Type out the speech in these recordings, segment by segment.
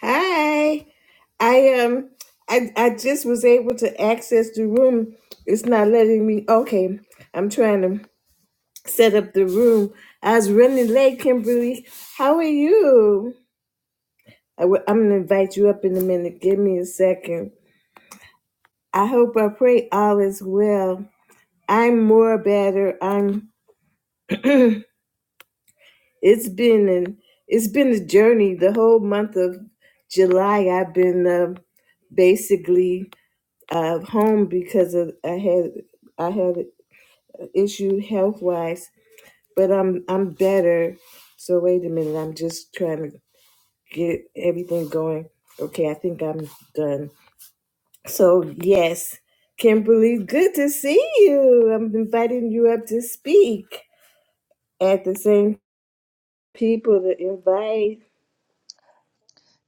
Hi. I um I I just was able to access the room. It's not letting me. Okay. I'm trying to set up the room. I was running late, Kimberly. How are you? I w- I'm gonna invite you up in a minute. Give me a second. I hope I pray all is well. I'm more better. I'm. It's been an. It's been a journey. The whole month of July, I've been uh, basically uh, home because of I had I had an issue health wise, but I'm I'm better. So wait a minute, I'm just trying to get everything going. Okay, I think I'm done. So yes, Kimberly, good to see you. I'm inviting you up to speak at the same people to invite.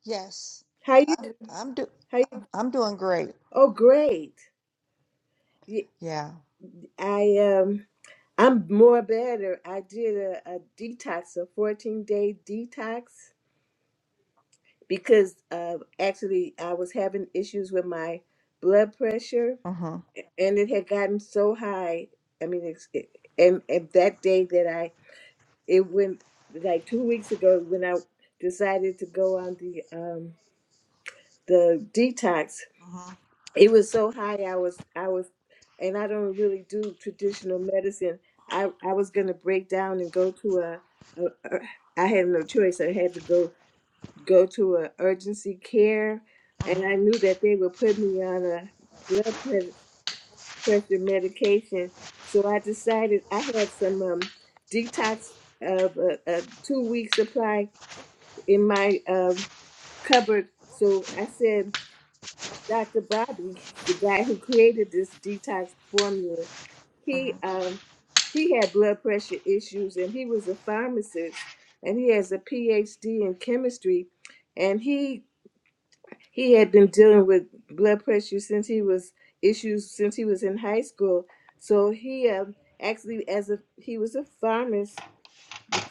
Yes, How you? I'm do How you? I'm doing great. Oh, great. Y- Yeah. I um. I'm more better. I did a, a detox, a 14 day detox, because uh, actually I was having issues with my blood pressure Mhm. and it had gotten so high. I mean, it's, it, and, and that day that I, it went like two weeks ago when I decided to go on the, um, the detox, Mhm. it was so high i was i was and i don't really do traditional medicine i i was going to break down and go to a, a, a i had no choice i had to go go to a urgency care and Mhm. i knew that they would put me on a blood pressure, pressure medication so i decided i had some um detox of a, a two week supply in my um cupboard so i said Dr. Bobby, the guy who created this detox formula, he Mhm. um he had blood pressure issues and he was a pharmacist and he has a PhD in chemistry and he he had been dealing with blood pressure since he was issues since he was in high school. So he um actually as a he was a pharmacist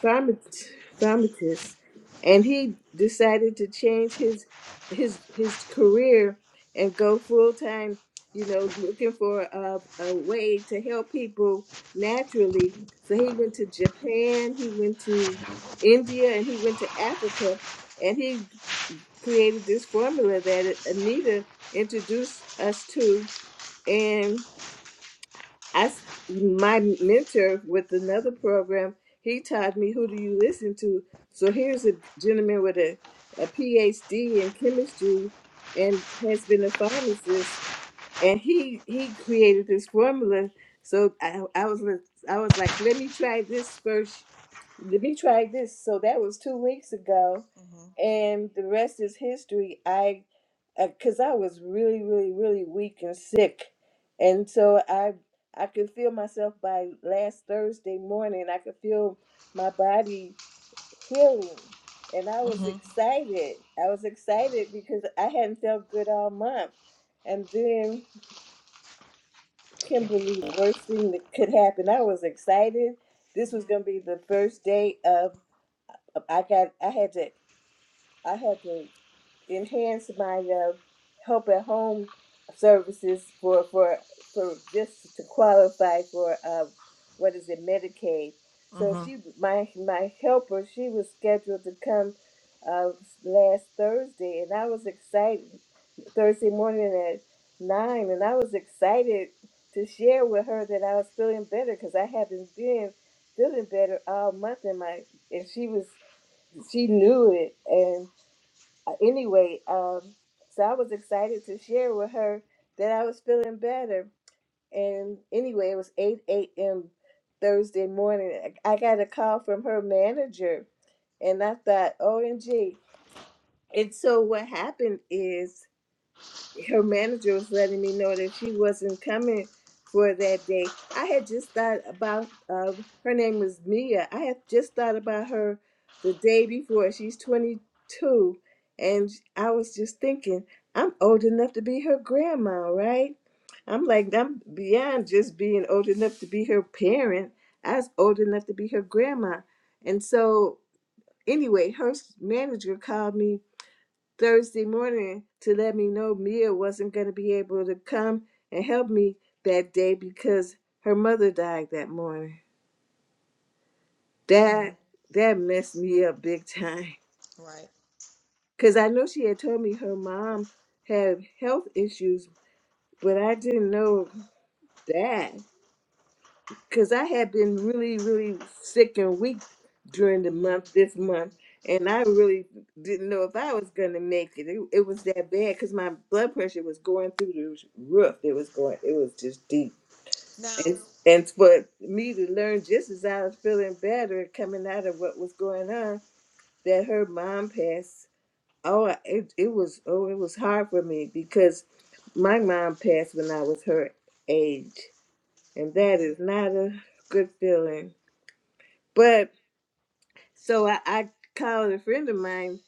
Pharma- pharmacist, and he decided to change his his his career and go full time. You know, looking for a, a way to help people naturally. So he went to Japan, he went to India, and he went to Africa, and he created this formula that Anita introduced us to, and. I s- my mentor with another program, he taught me who do you listen to. So here's a gentleman with a, a PhD in chemistry and has been a pharmacist and he he created this formula. So I, I was li- I was like, let me try this first. Let me try this. So that was two weeks ago, Mhm. and the rest is history. I, because I was really really really weak and sick, and so I I could feel myself by last Thursday morning. I could feel my body healing, and I was Mhm. excited. I was excited because I hadn't felt good all month, and then. Thank you. Kimberly, the worst thing that could happen. I was excited. This was Mhm. gonna be the first day of I got I had to I had to enhance my uh, help at home services for for for just to qualify for uh, what is it Medicaid. So Mhm. she my my helper she was scheduled to come uh, last Thursday, and I was excited Thursday morning at nine, and I was excited to share with her that I was feeling better because I haven't been feeling better all month, and my and she was she knew it, and uh, anyway, um, so I was excited to share with her that I was feeling better. And anyway, it was 8 a.m. Thursday morning. I I got a call from her manager, and I thought, OMG. And so what happened is her manager was letting me know that she wasn't coming for that day. I had just thought about uh, her name was Mia. I had just thought about her the day before. She's 22, and I was just thinking, I'm old enough to be her grandma, right? I'm like, I'm beyond just being old enough to be her parent. I was old enough to be her grandma, and so anyway, her manager called me Thursday morning to let me know Mia wasn't going to be able to come and help me that day because her mother died that morning. Mhm. That that messed me up big time Right. because I know she had told me her mom had health issues, but I didn't know that. because I had been really, really sick and weak during the month, Mhm. this month, Mhm. and I really didn't know if I was going to make it. it. It was that bad because my blood pressure was going through the roof. It was going, it was just deep. Now. And, and for me to learn just as I was feeling better coming out of what was going on, that her mom passed. Oh, I- it, it was, oh, it was hard for me because my mom passed when I was her age. And that is Mhm. not a good feeling but so I, I called a friend of mine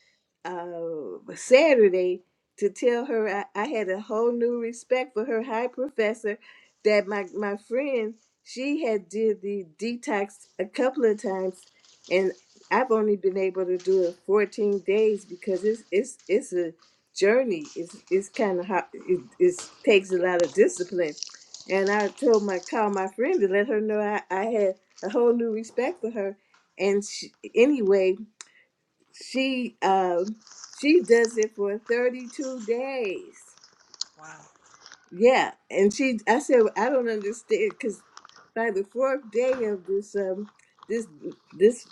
uh, Saturday to tell her I, I had a whole new respect for her high professor that my, my friend, she had did the detox a couple of times and I've only been able to do it 14 days because it's it's it's a journey. It's it's kind of hard. It it's, takes a lot of discipline. And I told my call my friend to let her know I, I had a whole new respect for her and she, anyway, she um she does it for 32 days. Wow. Yeah, and she I said "Well, I don't understand because by the fourth day of this um this this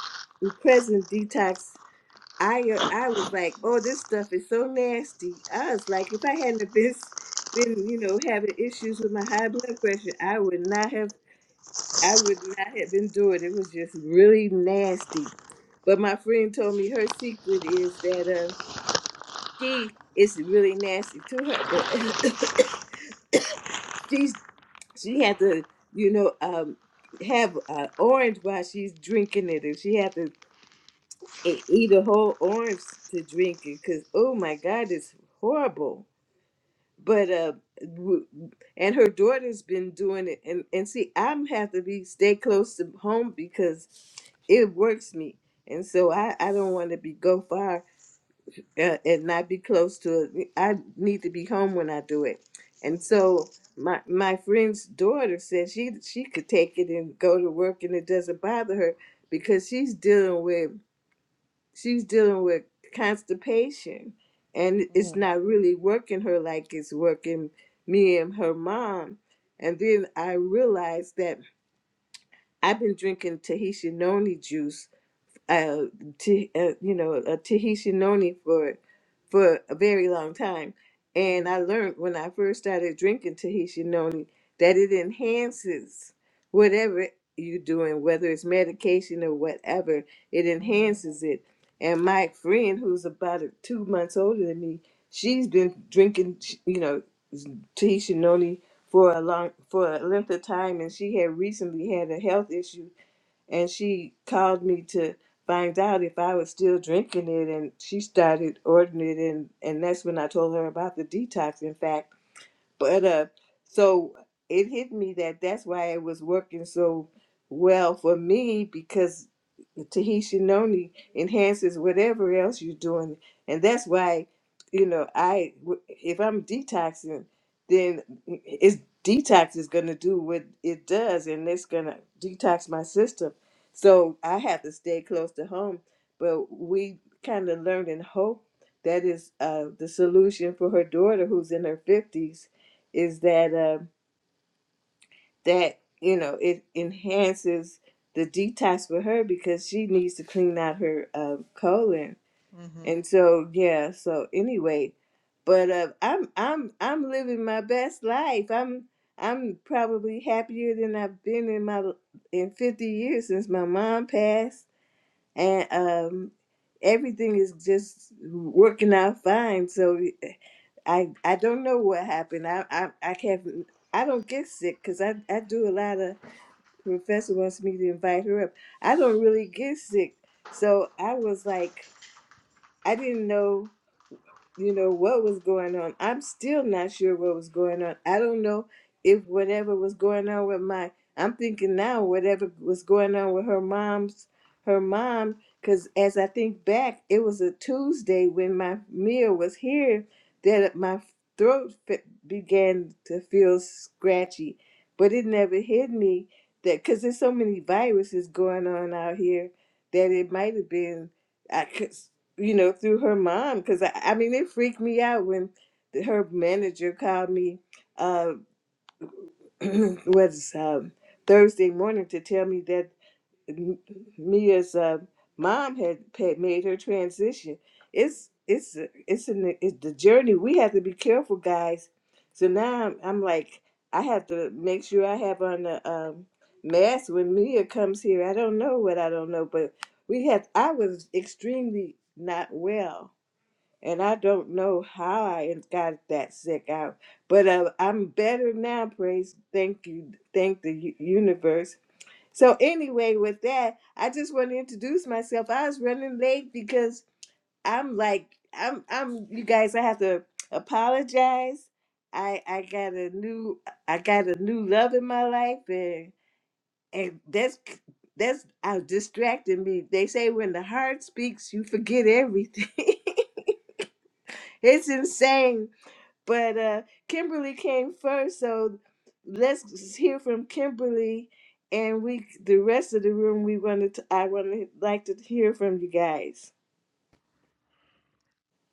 present detox, I I was like, oh, this stuff is so nasty. I was like, if I hadn't have been been you know having issues with my high blood pressure, I would not have I would not have endured. It was just really nasty But my friend told me her secret is that uh, she is really nasty to her, but she's she had to, you know, um, have an orange while she's drinking it, and she had to e- eat a whole orange to drink it because oh my god, it's horrible. But uh, w- and her daughter's been doing it, and and see, I'm have to be stay close to home because it works me, and so I I don't want to be go far uh, and not be close to it. I need to be home when I do it. And Mhm. so my my friend's daughter said she she could take it and go to work and it doesn't bother her because she's dealing with she's dealing with constipation and it's Mhm. not really working her like it's working me and her mom. And then I realized that I've been drinking Tahitian noni juice uh, T, uh, you know, a Tahitian noni for for a very long time, and I Mhm. learned when I first started drinking Tahitian noni that it enhances whatever you're doing, whether it's medication or whatever, it Mhm. enhances it. And my friend, who's about two months older than me, she's been drinking, you know, Tahitian noni for a long for a length of time, and she had recently had a health issue and she called me to find out if I was still drinking it and she started ordering it and and that's when I told her about the detox in fact but uh, so it hit me that that's why it was working so well for me because the Tahitian only enhances whatever else you're doing, and that's why you know I w- if I'm detoxing, then it's detox is going to do what it does, and it's going to detox my system. So I have to stay close to home, but we kind of learned in hope that is uh, the solution for her daughter who's in her 50s is that uh, that you know it enhances the detox for her because she needs to clean out her uh, colon Mhm. and so yeah so anyway but uh, i'm i'm i'm living my best life i'm i'm probably happier than i've been in my in 50 years since my mom passed and um everything is just working out fine so I I don't know what happened. I I I can't. I don't get sick because I I do a lot of. Professor wants me to invite her up. I don't really get sick, so I was like, I didn't know you know what was going on. I'm still not sure what was going on. I don't know if whatever was going on with my I'm thinking now whatever was going on with her mom's her mom cuz as I think back it was a Tuesday when my meal was here that my throat fe- began to feel scratchy but it never hit me that cuz there's so many viruses going on out here that it might have been I could you know, through her mom. Because I, I mean, it freaked me out when the, her manager called me, uh, was um, Thursday morning to tell me that M- Mia's uh, mom had, had made her transition. It's it's it's an it's the journey. We have to be careful, guys. So now I'm, I'm like, I have to make sure I have on a um, mask when Mia comes here. I don't know what I don't know, but we have. I was extremely not well and I don't know how I got that sick out, but uh, I'm better now. Praise, thank you, thank the u- universe. So anyway, with that, I just want to introduce myself. I was running late because I'm like I'm I'm you guys. I have to apologize. I I got a new I got a new love in my life, and and that's that's I distracting me. They say when the heart speaks, you forget everything. it's insane but uh, Kimberly came first, so let's hear from Kimberly, and we the rest of the room we wanted to I want to like to hear from you guys.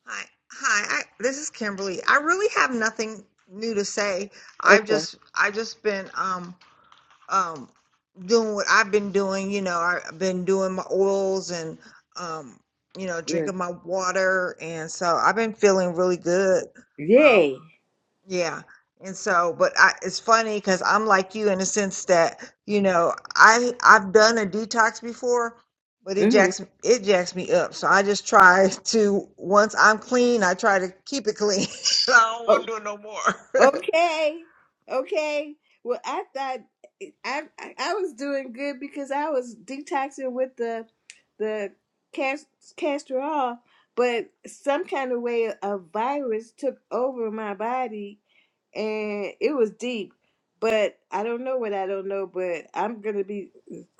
Hi, hi. I, this is Kimberly. I really have nothing new to say. I've Okay, just, I've just been. Um, um doing what I've been doing, you know, I- have been doing my oils and um you know, good, drinking my water and so I've been feeling really good. Um yay. yeah. And so but I it's funny cuz I'm like you in the sense that, you know, I I've done a detox before, but it Mm-hmm. jacks it jacks me up. So I just try to once I'm clean, I try to keep it clean. I don't want to do it no more. Okay. Okay. Well, I thought I I I was doing good because I was detoxing with the the cast, castor oil, but some kind of way a virus took over my body and it was deep. But I don't know what I don't know, but I'm going to be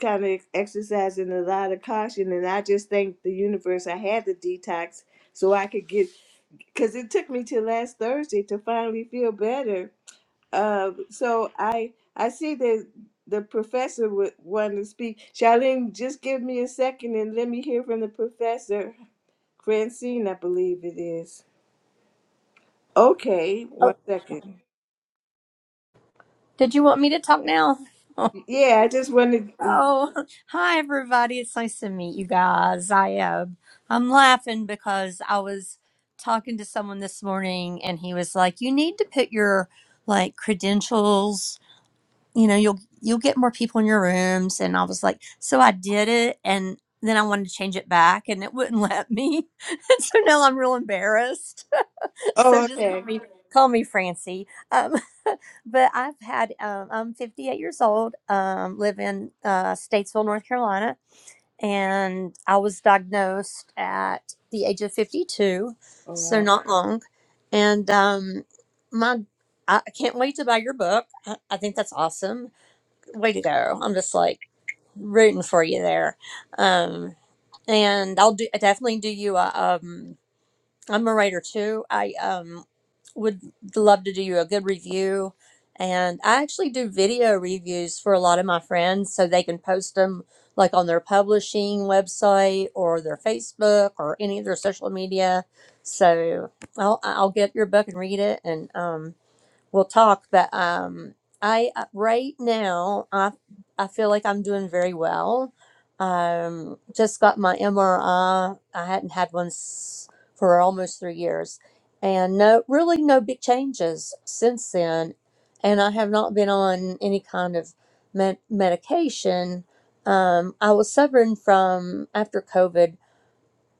kind of exercising a lot of caution and I just thank the universe I had the detox so I could get because it took me to last Thursday to finally feel better. Uh, so I I see that the professor would want to speak. Charlene, just give me a second and let me hear from the professor. Francine, I believe it is. Okay, one second. Did you want me to talk now? Yeah, I just wanted. Oh, hi everybody. It's nice to meet you guys. I uh, I'm laughing because I was talking to someone this morning and he was like, "You need to put your like credentials, you know, you'll you'll get more people in your rooms." And I was like, "So I did it and then I wanted to change it back and it wouldn't let me." so now I'm real embarrassed so Oh, just call okay. me call me Francie. Um, but I've had um, I'm 58 years old. Um, live in uh, Statesville, North Carolina, and I was diagnosed at the age of 52, All so right. not long. And um, my I I can't wait to buy your book. I, I think that's awesome. Way to go! I'm just like rooting for you there. Um, and I'll do I definitely do you a um. I'm a writer too. I um would love to do you a good review, and I actually do video reviews for a lot of my friends, so they can post them like on their publishing website or their Facebook or any of their social media. So I'll I'll get your book and read it, and um we'll talk but um i uh, right now i i feel like i'm doing very well um just got my mri i I hadn't had one s- for almost three years and no really no big changes since then and i have not been on any kind of med- medication um i was suffering from after covid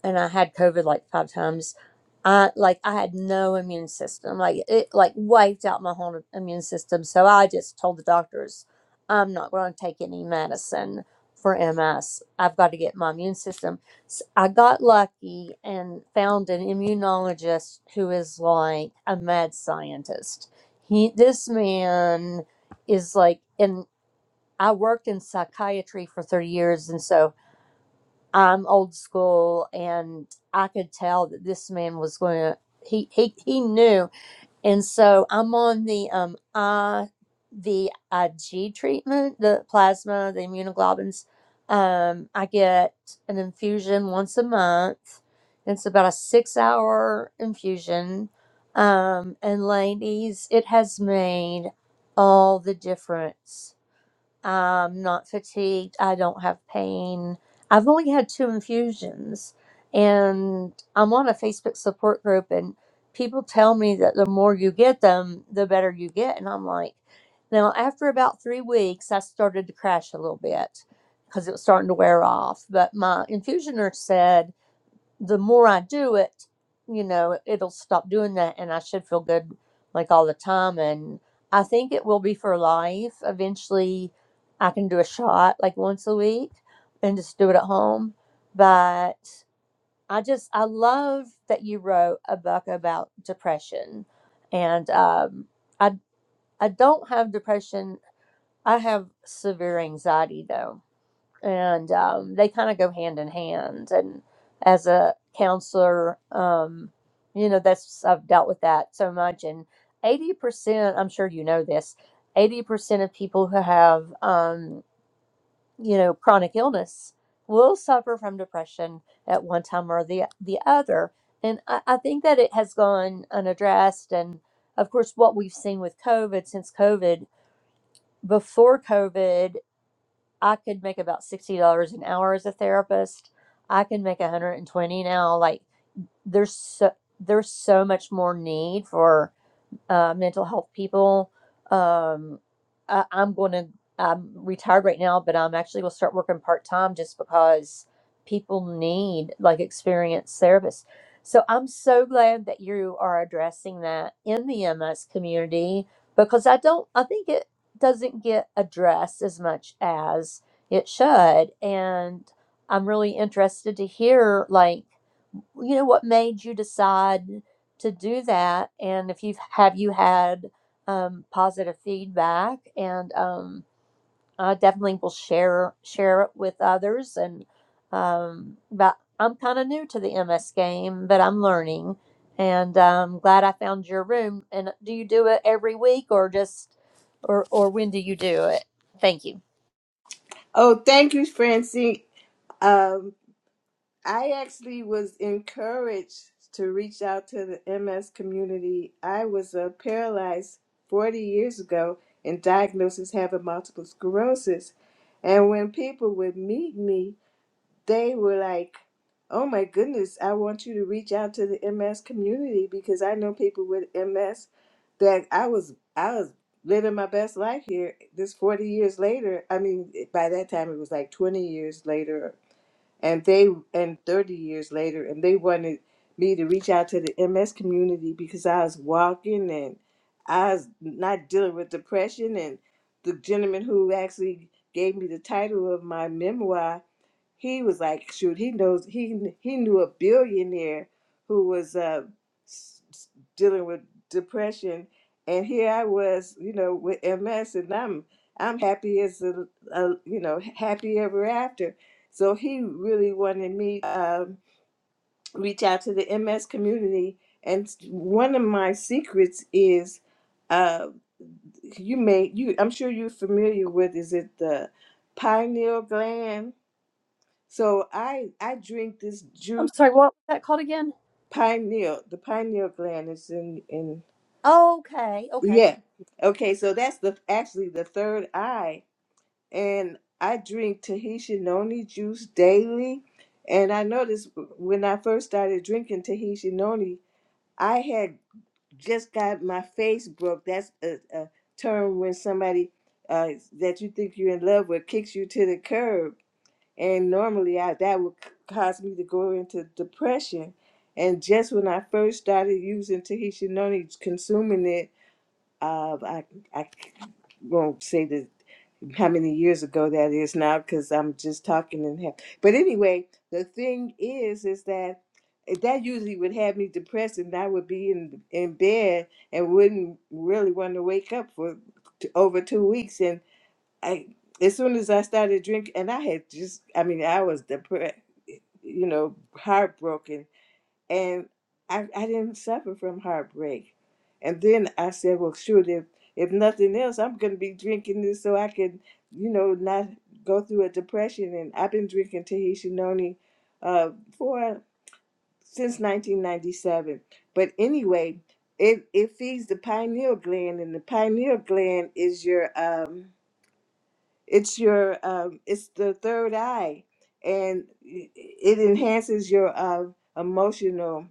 and I had COVID like five times. I like I had no immune system. Like it like wiped out my whole immune system. So I just told the doctors, I'm not going to take any medicine for MS. I've got to get my immune system. S I I got lucky and found an immunologist who is like a mad scientist. He this man is like and I worked in psychiatry for 30 years and so I'm old school, and I could tell that this man was going to. He he he knew, and so I'm on the um I the IG treatment, the plasma, the immunoglobulins. Um, I get an infusion once a month. It's about a six hour infusion. Um, and ladies, it has made all the difference I'm not fatigued. I don't have pain. I've only had two infusions, and I'm on a Facebook support group, and people tell me that the more you get them, the better you get. And I'm like, now, after about three weeks, I started to crash a little bit because it was starting to wear off. But my infusion nurse said, the more I do it, you know, it'll stop doing that and I should feel good like all the time. And I think it will be for life. Eventually, I can do a shot like once a week and just do it at home. But I just, I love that you wrote a book about depression. And um, I, I don't have depression. I have severe anxiety though and um, they kind of go hand in hand. And as a counselor, um, you know, that's I've dealt with that so much. And eighty percent, I'm sure you know this, eighty percent of people who have, um, you know, chronic illness will suffer from depression at one time or the the other. And I, I think that it has gone unaddressed. And of course, what we've seen with COVID since COVID. Before COVID, I could make about sixty dollars an hour as a therapist. I can make one hundred and twenty now. Like there's so there's so much more need for uh, mental health people. Um, I, I'm going to, I'm retired right now, but I'm actually will start working part time just because people need like experienced therapists. So I'm so glad that you are addressing that in the MS community because I don't, I think it doesn't get addressed as much as it should. And I'm really interested to hear like, you know what made you decide to do that and if you've have you had um, positive feedback and um, i definitely will share share it with others and um, but i'm kind of new to the ms game but i'm learning and i'm glad i found your room and do you do it every week or just or or when do you do it thank you Oh, thank you, Francine. Um, I actually was encouraged to reach out to the MS community. I was uh, paralyzed 40 years ago and diagnosed as having multiple sclerosis. And when people would meet me, they were like, Oh my goodness, I want you to reach out to the MS community because I know people with MS that I was I was living my best life here this 40 years later. I mean, by that time it was like 20 years later and they and 30 years later and they wanted me to reach out to the ms community because i was walking and i was not dealing with depression and the gentleman who actually gave me the title of my memoir he was like, shoot, he knows he he knew a billionaire who was uh, s- s- dealing with depression, and here I was, you know, with MS, and I'm I'm happy as a, a you know happy ever after. So he really wanted me um, reach out to the MS community, and one of my secrets is. Uh, you may you I'm sure you're familiar with is it the pineal gland so I I drink this I'm juice sorry, what was that called again? pineal. The pineal gland is in in okay okay yeah. Okay, so that's the actually the third eye, and I drink Tahitian noni juice daily. And I noticed when I first started drinking Tahitian noni, I had just got my face broke. That's a, a term when somebody uh, that you think you're in love with kicks you to the curb and normally I, that would c- cause me to go into depression. And just when I first started using Tahitian noni, consuming it, uh, I I won't say the how many years ago that is now because I'm just talking in half. But anyway, the thing is, is that eh, that usually would have me depressed, and I would be in in bed and wouldn't really want to wake up for t- over two weeks. And I as soon as I started drinking, and I had just, I mean, I was depressed, you know, heartbroken, and I, I didn't suffer from heartbreak. And then I said, well, shoot, if if nothing else, I'm gonna be drinking this so I can, you know, not go through a depression. And I've been drinking Tahitian Noni, uh, for since 1997. But anyway, it it feeds the pineal gland, and the pineal gland is your um it's your um, it's the third eye and it enhances your uh, emotional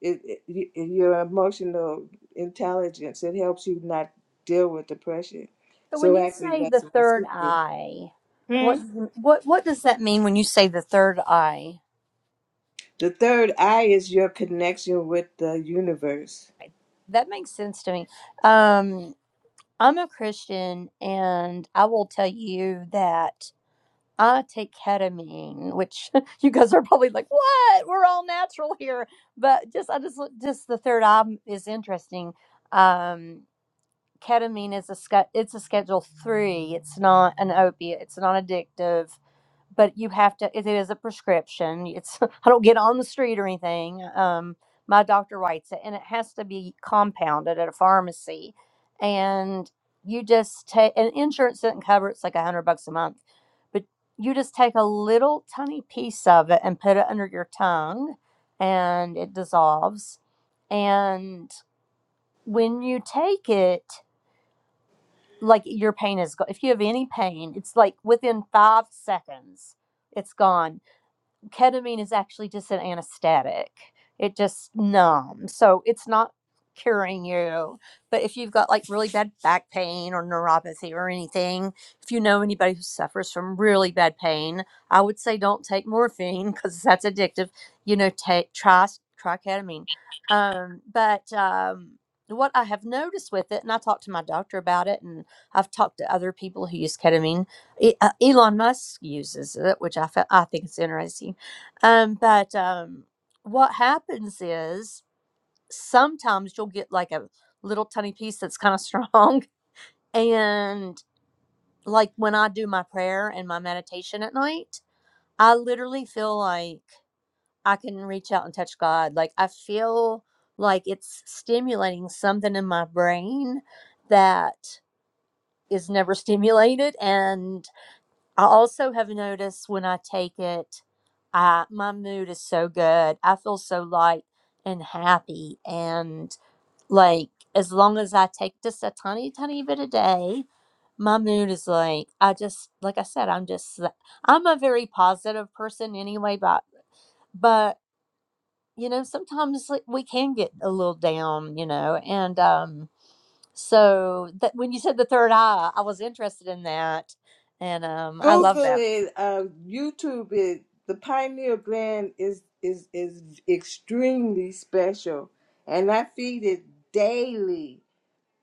it, it, your emotional intelligence it helps you not deal with depression So when so you actually say the that's my third secret eye, hmm? what do you- what what does that mean when you say the third eye? the third eye is your connection with the universe That makes sense to me. Um, I'm a Christian, and I will tell you that I take ketamine, which you guys are probably like, "What? We're all natural here." But just I just just the third eye is interesting. Um, ketamine is a sche- it's a Schedule Three. It's not an opiate. It's not addictive but you have to it is a prescription it's i don't get on the street or anything um my doctor writes it and it has to be compounded at a pharmacy and you just take and insurance doesn't cover it, it's like a hundred bucks a month but you just take a little tiny piece of it and put it under your tongue and it dissolves and when you take it like your pain is go- if you have any pain it's like within five seconds it's gone ketamine is actually just an anesthetic. It just numbs. So it's not curing you. But if you've got like really bad back pain or neuropathy or anything, if you know anybody who suffers from really bad pain, I would say don't take morphine because that's addictive. You know, take try try ketamine. Um, but um, what I have noticed with it, and I talked to my doctor about it, and I've talked to other people who use ketamine. E- uh, Elon Musk uses it, which I, fe- I think is interesting um, but um, what happens is sometimes you'll get like a little tiny piece that's kind of strong. And like when I do my prayer and my meditation at night, I literally feel like I can reach out and touch God. Like I feel like it's stimulating something in my brain that is never stimulated. And I also have noticed when I take it, I my mood is so good. I feel so light and happy. And like, as long as I take just a tiny, tiny bit a day, my mood is like, I just, like I said, I'm just, i I'm a very positive person anyway, but, but, you know, sometimes like, we can get a little down, you know, and, um, so that when you said the third eye, I was interested in that. And, um, I love google that. it uh, youtube it the pineal gland is is is extremely special and i feed it daily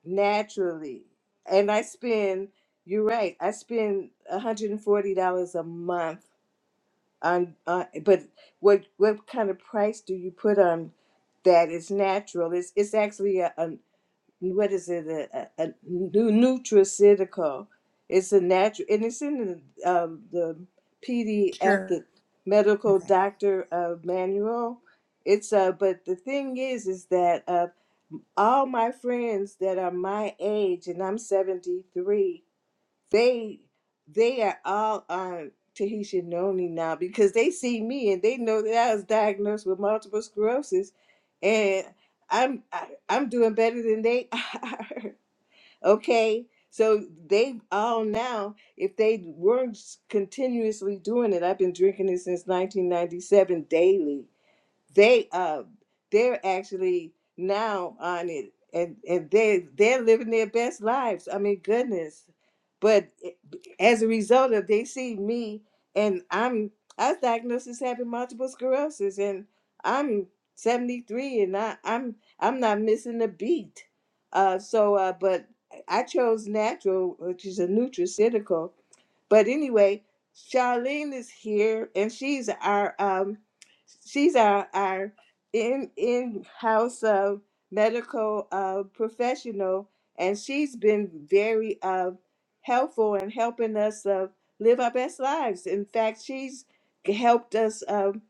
naturally. And I spend, you're right, I spend $140 a month on, uh, but what what kind of price do you put on that is natural. It's it's actually a, what is it a, a, a nu- nutraceutical it's a natural and it's in the, um, the pdf Sure. the medical Okay. doctor uh, manual it's uh but the thing is is that uh all my friends that are my age and i'm 73 they they are all on Tahitian only now because they see me and they know that I was diagnosed with multiple sclerosis, and I'm I, I'm doing better than they are. okay, so they all now if they weren't continuously doing it, I've been drinking it since 1997 daily they uh they're actually now on it and and they they're living their best lives i mean goodness but it- as a result of they see me and i'm i was diagnosed as having multiple sclerosis and i'm 73 and I, i'm i'm not missing a beat uh so uh but i chose natural which is a nutraceutical but anyway, Charlene is here, and she's our um, she's our our in in house uh, medical uh, professional, and she's been very uh, helpful in helping us uh, live our best lives. In fact, she's helped us um,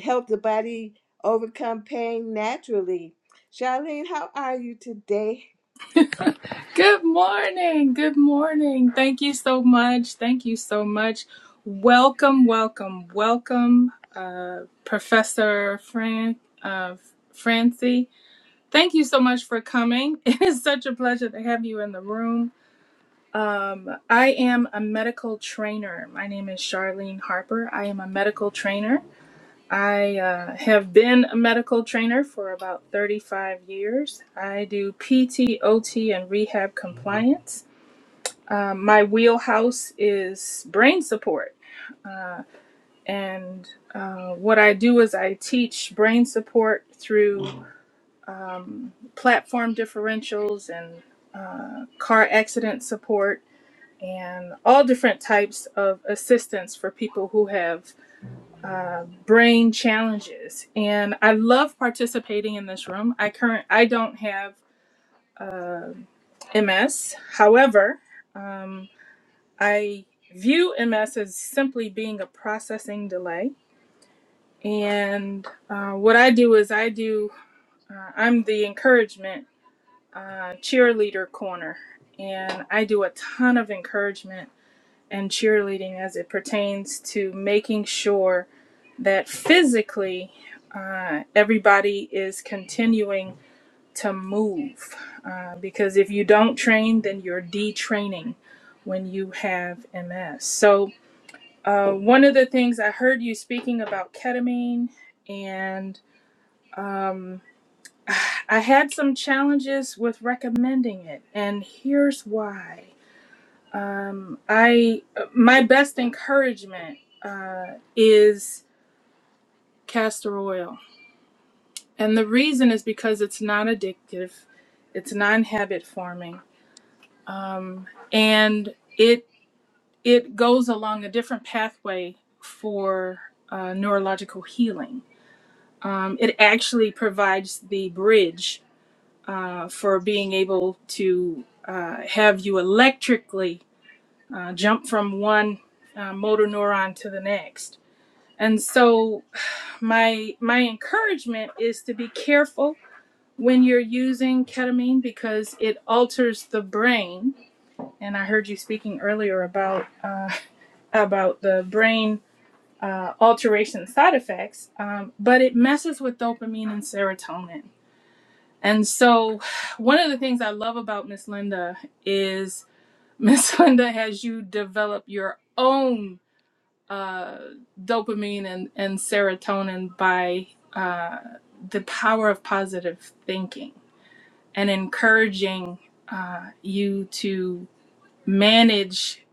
help the body overcome pain naturally. Charlene, how are you today? Good morning. Good morning. Thank you so much. Thank you so much. Welcome, welcome, welcome, uh, Professor Fran, uh, Francie. Thank you so much for coming. It is such a pleasure to have you in the room. Um, I am a medical trainer. My name is Charlene Harper. I am a medical trainer. I uh, have been a medical trainer for about 35 years. I do PT, OT, and rehab compliance. Um, my wheelhouse is brain support. And uh, what I do is I teach brain support through platform differentials and uh, car accident support and all different types of assistance for people who have uh, brain challenges. And I love participating in this room. I current I don't have uh, MS. However, um, I view MS as simply being a processing delay. And uh, what I do is I do, uh, I'm the encouragement uh, cheerleader corner, and I do a ton of encouragement and cheerleading as it pertains to making sure that physically uh, everybody is continuing to move. Uh, because if you don't train, then you're detraining when you have MS. So, Uh, one of the things I heard you speaking about ketamine, and um, I had some challenges with recommending it, and here's why. Um, I my best encouragement uh, is castor oil, and the reason is because it's not addictive, it's non habit forming, um, and it it goes along a different pathway for uh, neurological healing um, it actually provides the bridge uh, for being able to uh, have you electrically uh, jump from one uh, motor neuron to the next. And so, my my encouragement is to be careful when you're using ketamine because it alters the brain. And I heard you speaking earlier about uh, about the brain uh, alteration side effects, um, but it messes with dopamine and serotonin And so, one of the things I love about Miss Linda is Miss Linda has you develop your own uh, dopamine and, and serotonin by uh, the power of positive thinking and encouraging uh, you to manage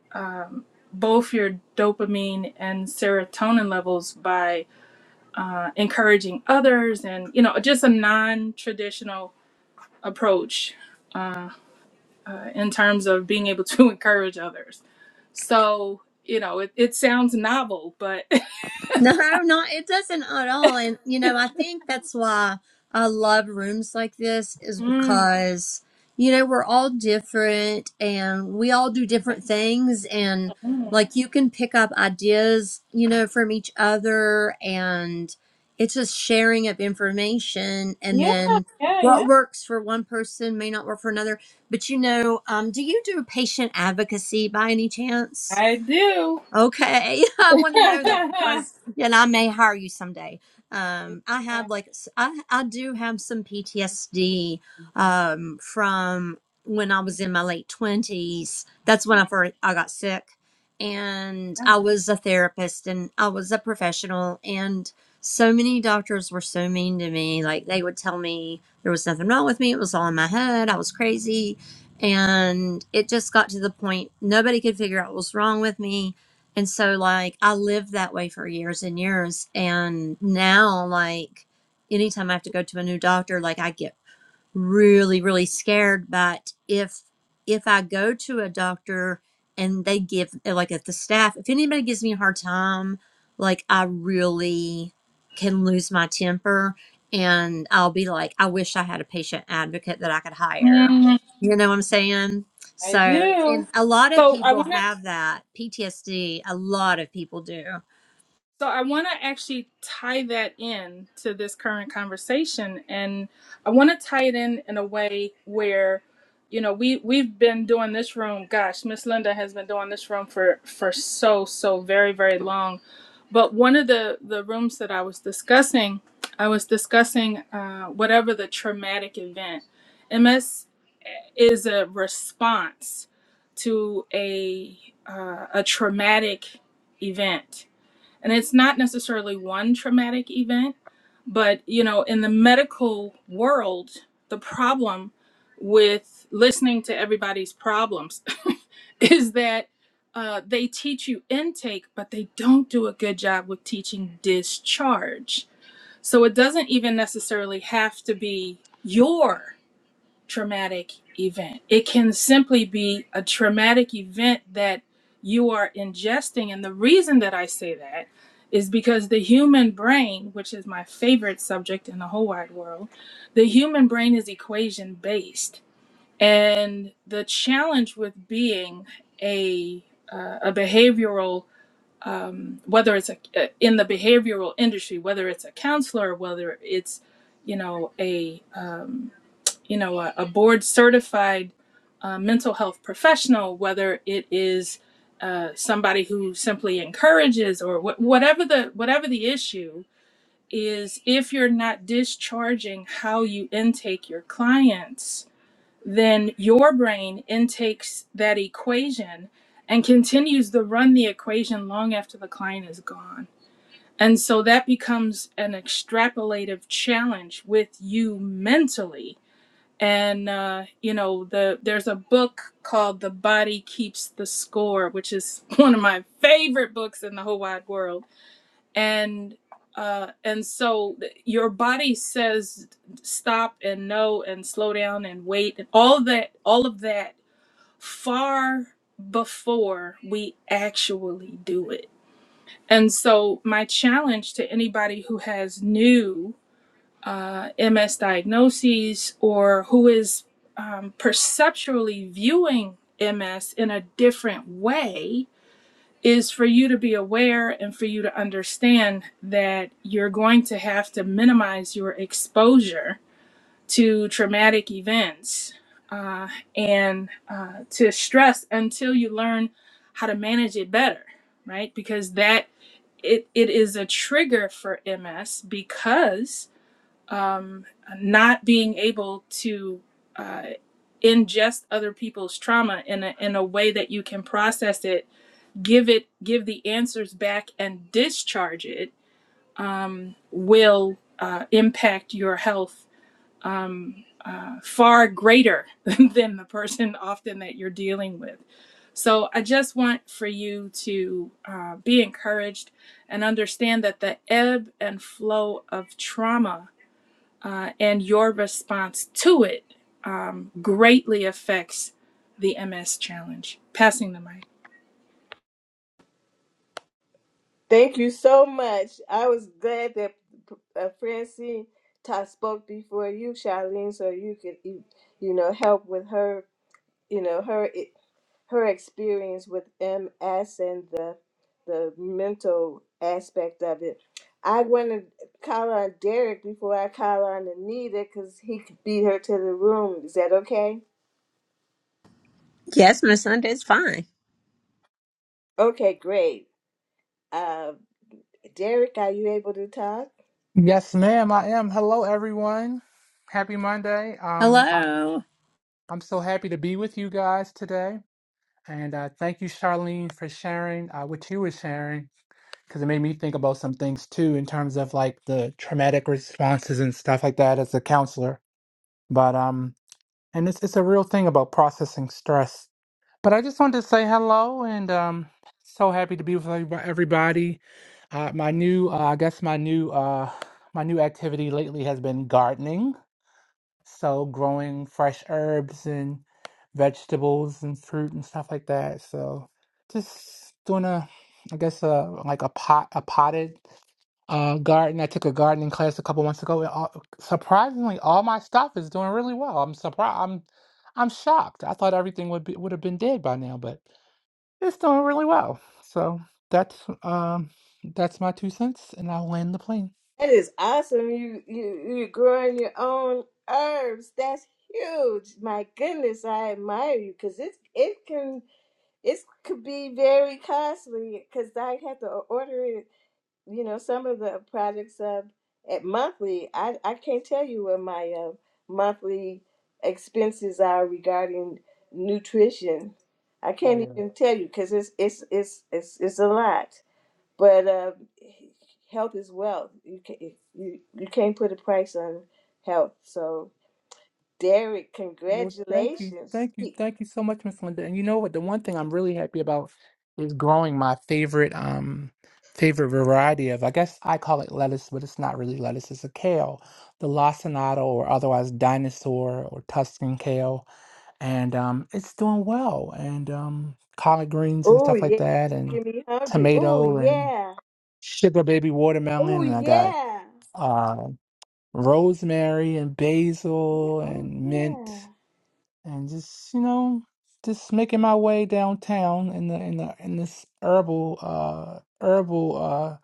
both your dopamine and serotonin levels by uh, encouraging others and you know just a non-traditional approach in terms of being able to encourage others. So, you know, it, it sounds novel, but No, not it doesn't at all. And you know, I think that's why I love rooms like this is Mm, because you know, we're all different and we all do different things and mm. like you can pick up ideas, you know, from each other and it's just sharing of information and yeah, then yeah, what yeah. works for one person may not work for another. But you know, um, do you do patient advocacy by any chance? I do. Okay, I want to know that yeah, because, and I may hire you someday. Um, I have yeah. like s- I I do have some PTSD um from when I was in my late twenties. That's when I first I got sick, and I was a therapist and I was a professional, and so many doctors were so mean to me. Like they would tell me there was nothing wrong with me. It was all in my head. I was crazy. And it just got to the point nobody could figure out what was wrong with me and so, like, I lived that way for years and years. And now, like, anytime I have to go to a new doctor, like, I get really really scared but if if i go to a doctor and they give eh, like if the staff if anybody gives me a hard time like i really can lose my temper and i'll be like i wish i had a patient advocate that i could hire Mm, you know what i'm saying I so do. and a lot of So I people want to. have that ptsd a lot of people do So I want to actually tie that in to this current conversation, and I want to tie it in in a way where, you know, we we've been doing this room. Gosh, Miss Linda has been doing this room for for so so very very long. But one of the the rooms that I was discussing, I was discussing uh, whatever the traumatic event. MS is a response to a uh, a traumatic event and it's not necessarily one traumatic event, but you know, in the medical world, the problem with listening to everybody's problems is that uh, they teach you intake, but they don't do a good job with teaching discharge. So it doesn't even necessarily have to be your traumatic event. It can simply be a traumatic event that you are ingesting. And the reason that I say that is because the human brain, which is my favorite subject in the whole wide world, the human brain is equation based. And the challenge with being a, uh, a behavioral um, whether it's a, uh, in the behavioral industry, whether it's a counselor, whether it's you know a um, you know a, a board certified uh, mental health professional whether it is uh, somebody who simply encourages or wh- whatever the whatever the issue is if you're not discharging how you intake your clients then your brain intakes that equation and continues to run the equation long after the client is gone and so that becomes an extrapolative challenge with you mentally and uh, you know the there's a book called the body keeps the score which is one of my favorite books in the whole wide world and uh, and so th- your body says stop and no and slow down and wait and all that all of that far before we actually do it and so my challenge to anybody who has new uh, MS diagnoses or who is um, perceptually viewing MS in a different way is for you to be aware and for you to understand that you're going to have to minimize your exposure to traumatic events uh, and uh, to stress until you learn how to manage it better, right? Because that it, it is a trigger for MS because um, not being able to uh, ingest other people's trauma in a, in a way that you can process it, give it, give the answers back, and discharge it will uh, impact your health um, uh, far greater than the person often that you're dealing with. So I just want for you to uh, be encouraged and understand that the ebb and flow of trauma uh, and your response to it um, greatly affects the MS challenge. Passing the mic. Thank you so much. I was glad that uh, Francine ta spoke before you, Charlene, so you could you you know help with her you know her eh, her experience with MS and the the mental aspect of it. I want to call on Derek before I call on Anita because he could beat her to the room. Is that okay? Yes, Miss Sunday's fine. Okay, great. Uh, Derek, are you able to talk? Yes, ma'am, I am. Hello, everyone. Happy Monday. Um, I- hello I'm so happy to be with you guys today. And uh, thank you, Charlene, for sharing uh, what you were sharing, because it made me think about some things too, in terms of like the traumatic responses and stuff like that as a counselor. But um, and it's it's a real thing about processing stress but I just wanted to say hello and um so happy to be with everyb- everybody. Uh my new uh, I guess my new uh my new activity lately has been gardening. So growing fresh herbs and vegetables and fruit and stuff like that. So just doing a I guess a like a pot a potted uh garden. I took a gardening class a couple months ago and all, surprisingly all my stuff is doing really well. I'm surprised I'm I'm shocked. I thought everything would be would have been dead by now, but it's doing really well. So that's um that's my two cents and I'll land the plane. That is awesome. You you you're growing your own herbs. That's huge. My goodness, I admire you because it it can it could be very costly because I have to order it. You know, some of the products of at monthly. I I can't tell you what my uh, monthly expenses are regarding nutrition. I Oh can't yeah. even tell you because it's it's it's it's it's a lot. But uh, health is wealth. You can you you can't put a price on health. So Derek, Well, thank you, congratulations. thank you, thank you so much, Miss Linda. And you know what? The one thing I'm really happy about is growing my favorite um favorite variety of I guess I call it lettuce, but it's not really lettuce. It's a kale, the lacinato or otherwise dinosaur or Tuscan kale, and um it's doing well. And um collard greens and Oh stuff like yeah, that, making and me hungry. Oh tomato and yeah. sugar baby Oh watermelon, and I got yeah. uh, rosemary and Yeah. basil Oh and yeah. mint, and just you know, just making my way downtown in the in the in this herbal uh herbal uh,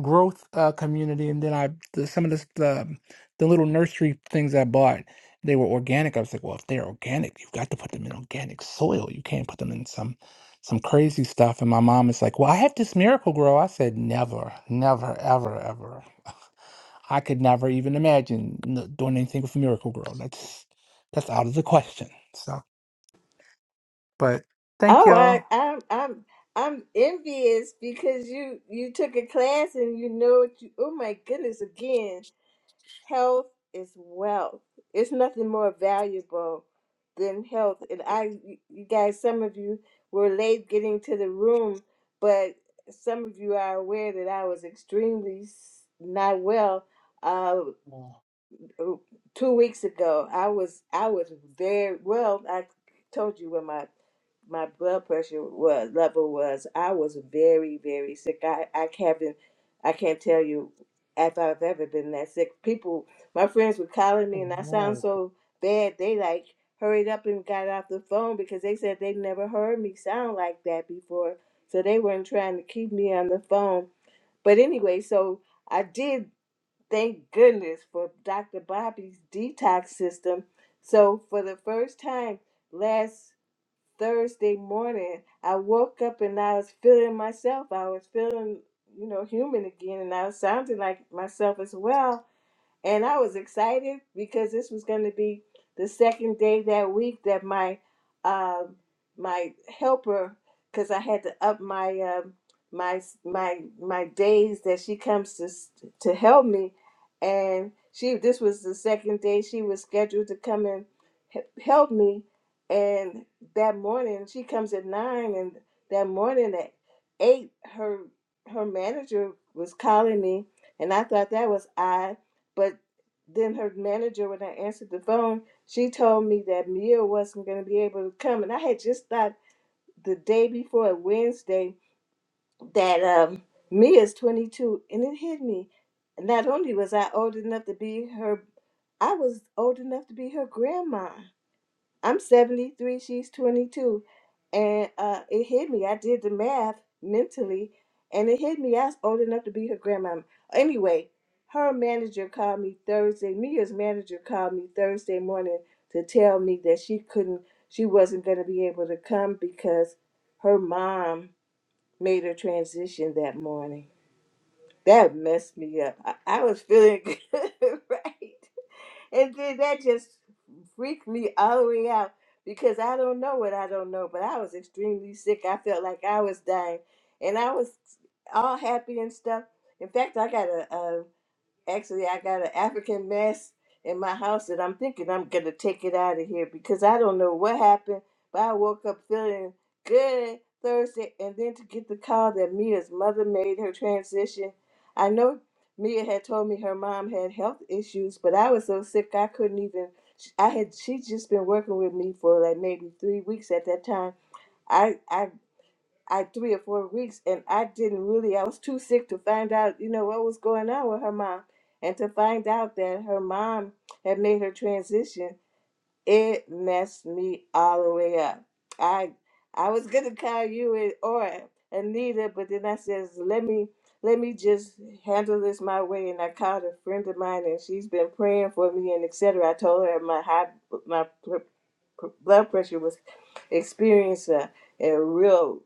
growth uh, community, and then I the, some of this the the little nursery things I bought. They were organic. I was like, well, if they're organic, you've got to put them in organic soil. You can't put them in some some crazy stuff. And my mom is like, well, I have this miracle grow. I said, never, never, ever, ever. I could never even imagine n- doing anything with Miracle Grow. That's that's out of the question. So, but thank Oh, I, y'all. I'm I'm I'm envious because you you took a class and you know what you. Oh my goodness, again. health is wealth. It's nothing more valuable than health. And I, you guys, some of you were late getting to the room, but some of you are aware that I was extremely s- not well. Uh, Yeah. oh, two weeks ago i was i was very well i told you what my my blood pressure was level was i was very very sick i i haven't i can't tell you if i've ever been that sick people my friends were calling me and i sound so bad they like hurried up and got off the phone because they said they never heard me sound like that before so they weren't trying to keep me on the phone but anyway so i did thank goodness for Dr. Bobby's detox system. So, for the first time last Thursday morning, I woke up and I was feeling myself. I was feeling, you know, human again, and I was sounding like myself as well and I was excited because this was going to be the second day that week that my um my helper, because I had to up my um my my my days that she comes to s- to help me, and she this was the second day she was scheduled to come and he- help me, and that morning she comes at nine, and that morning at eight her her manager was calling me, and I thought that was odd but then her manager, when I answered the phone, she told me that Mia wasn't going to be able to come. And I had just thought the day before Wednesday that um, Mia's 22. And it hit me. Not only was I old enough to be her, I was old enough to be her grandma. I'm 73, she's 22. And uh, it hit me. I did the math mentally, and it hit me. I was old enough to be her grandma. Anyway, her manager called me Thursday. Mia's manager called me Thursday morning to tell me that she couldn't, she wasn't going to be able to come because her mom made her transition that morning. That messed me up. I, I was feeling good, right? and then that just freaked me all the way out because I don't know what I don't know, but I was extremely sick. I felt like I was dying, and I was all happy and stuff. In fact, I got a, a Actually, I got an African mask in my house that I'm thinking I'm gonna take it out of here because I don't know what happened, but I woke up feeling good Thursday, and then to get the call that Mia's mother made her transition. I know Mia had told me her mom had health issues, but I was so sick I couldn't even. I had she just been working with me for like maybe three weeks at that time. I I I three or four weeks, and I didn't really. I was too sick to find out, you know, what was going on with her mom, and to find out that her mom had made her transition, it messed me all the way up. I I was gonna call you and- or Anita, but then I says, let me let me just handle this my way, and I called a friend of mine, and she's been praying for me and etc. I told her my high my pr- pr- blood pressure was experiencing a real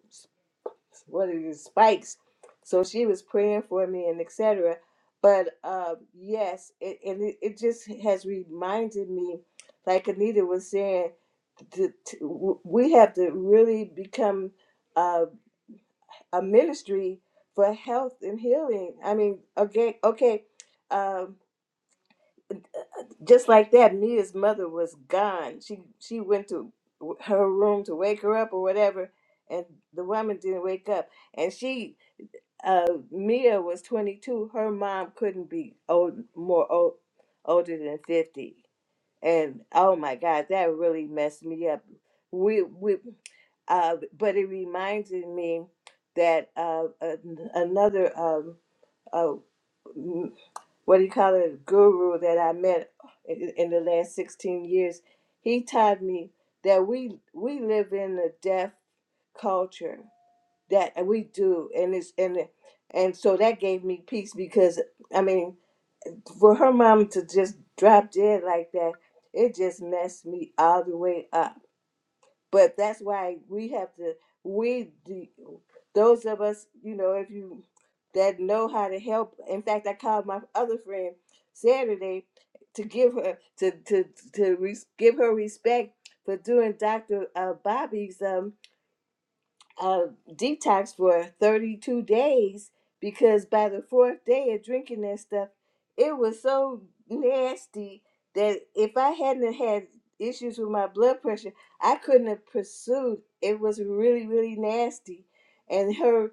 what are these spikes? So she was praying for me and etc. But uh, yes, it, and it, it just has reminded me, like Anita was saying, to, to, w- we have to really become uh, a ministry for health and healing. I mean, okay, okay, um, just like that, Mia's mother was gone. She she went to her room to wake her up or whatever, and the woman didn't wake up and she uh, Mia was 22. Her mom couldn't be old, more old, older than 50. And oh my God, that really messed me up. We, we, uh, but it reminded me that uh, an- another, um, uh, m- what do you call it, guru that I met in, in the last 16 years, he taught me that we we live in a deaf culture that we do and it's and and so that gave me peace because i mean for her mom to just drop dead like that it just messed me all the way up but that's why we have to we the, those of us you know if you that know how to help in fact i called my other friend saturday to give her to to to res give her respect for doing dr uh, bobby's um uh, detox for 32 days because by the fourth day of drinking that stuff, it was so nasty that if I hadn't had issues with my blood pressure, I couldn't have pursued. It was really, really nasty. And her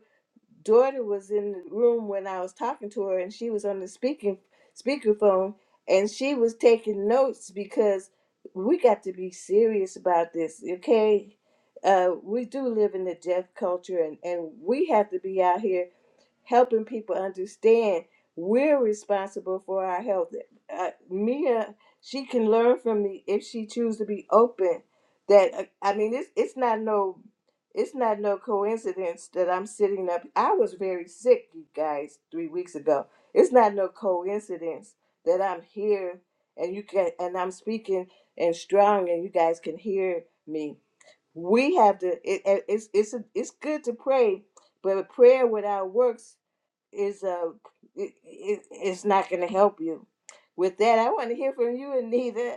daughter was in the room when I was talking to her, and she was on the speaking speakerphone, and she was taking notes because we got to be serious about this, okay? Uh, we do live in the deaf culture, and, and we have to be out here helping people understand we're responsible for our health. Uh, Mia, she can learn from me if she choose to be open. That uh, I mean, it's it's not no, it's not no coincidence that I'm sitting up. I was very sick, you guys, three weeks ago. It's not no coincidence that I'm here and you can and I'm speaking and strong and you guys can hear me. We have to. It, it- it's it's it's good to pray, but prayer without works is uh it it's not going to help you. With that, I want to hear from you, Anita.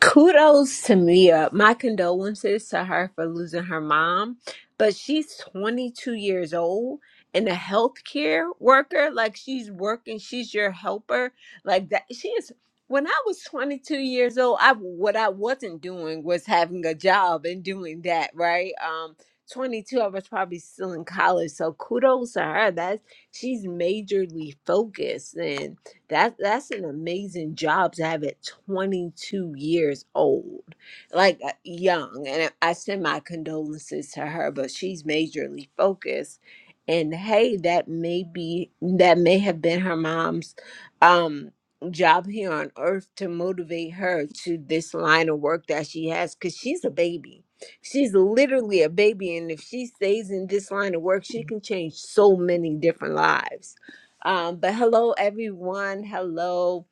Kudos to Mia. My condolences to her for losing her mom. But she's 22 years old and a healthcare worker. Like she's working, she's your helper. Like that. She is. When I was 22 years old, I what I wasn't doing was having a job and doing that, right? Um 22, I was probably still in college. So kudos to her. That's she's majorly focused and. That that's an amazing job to have at 22 years old, like uh, young. And I I send my condolences to her, but she's majorly focused. And hey, that may be that may have been her mom's um job here on earth to motivate her to this line of work that she has because she's a baby. She's literally a baby, and if she stays in this line of work, she can change so many different lives um, but hello, everyone. Hello.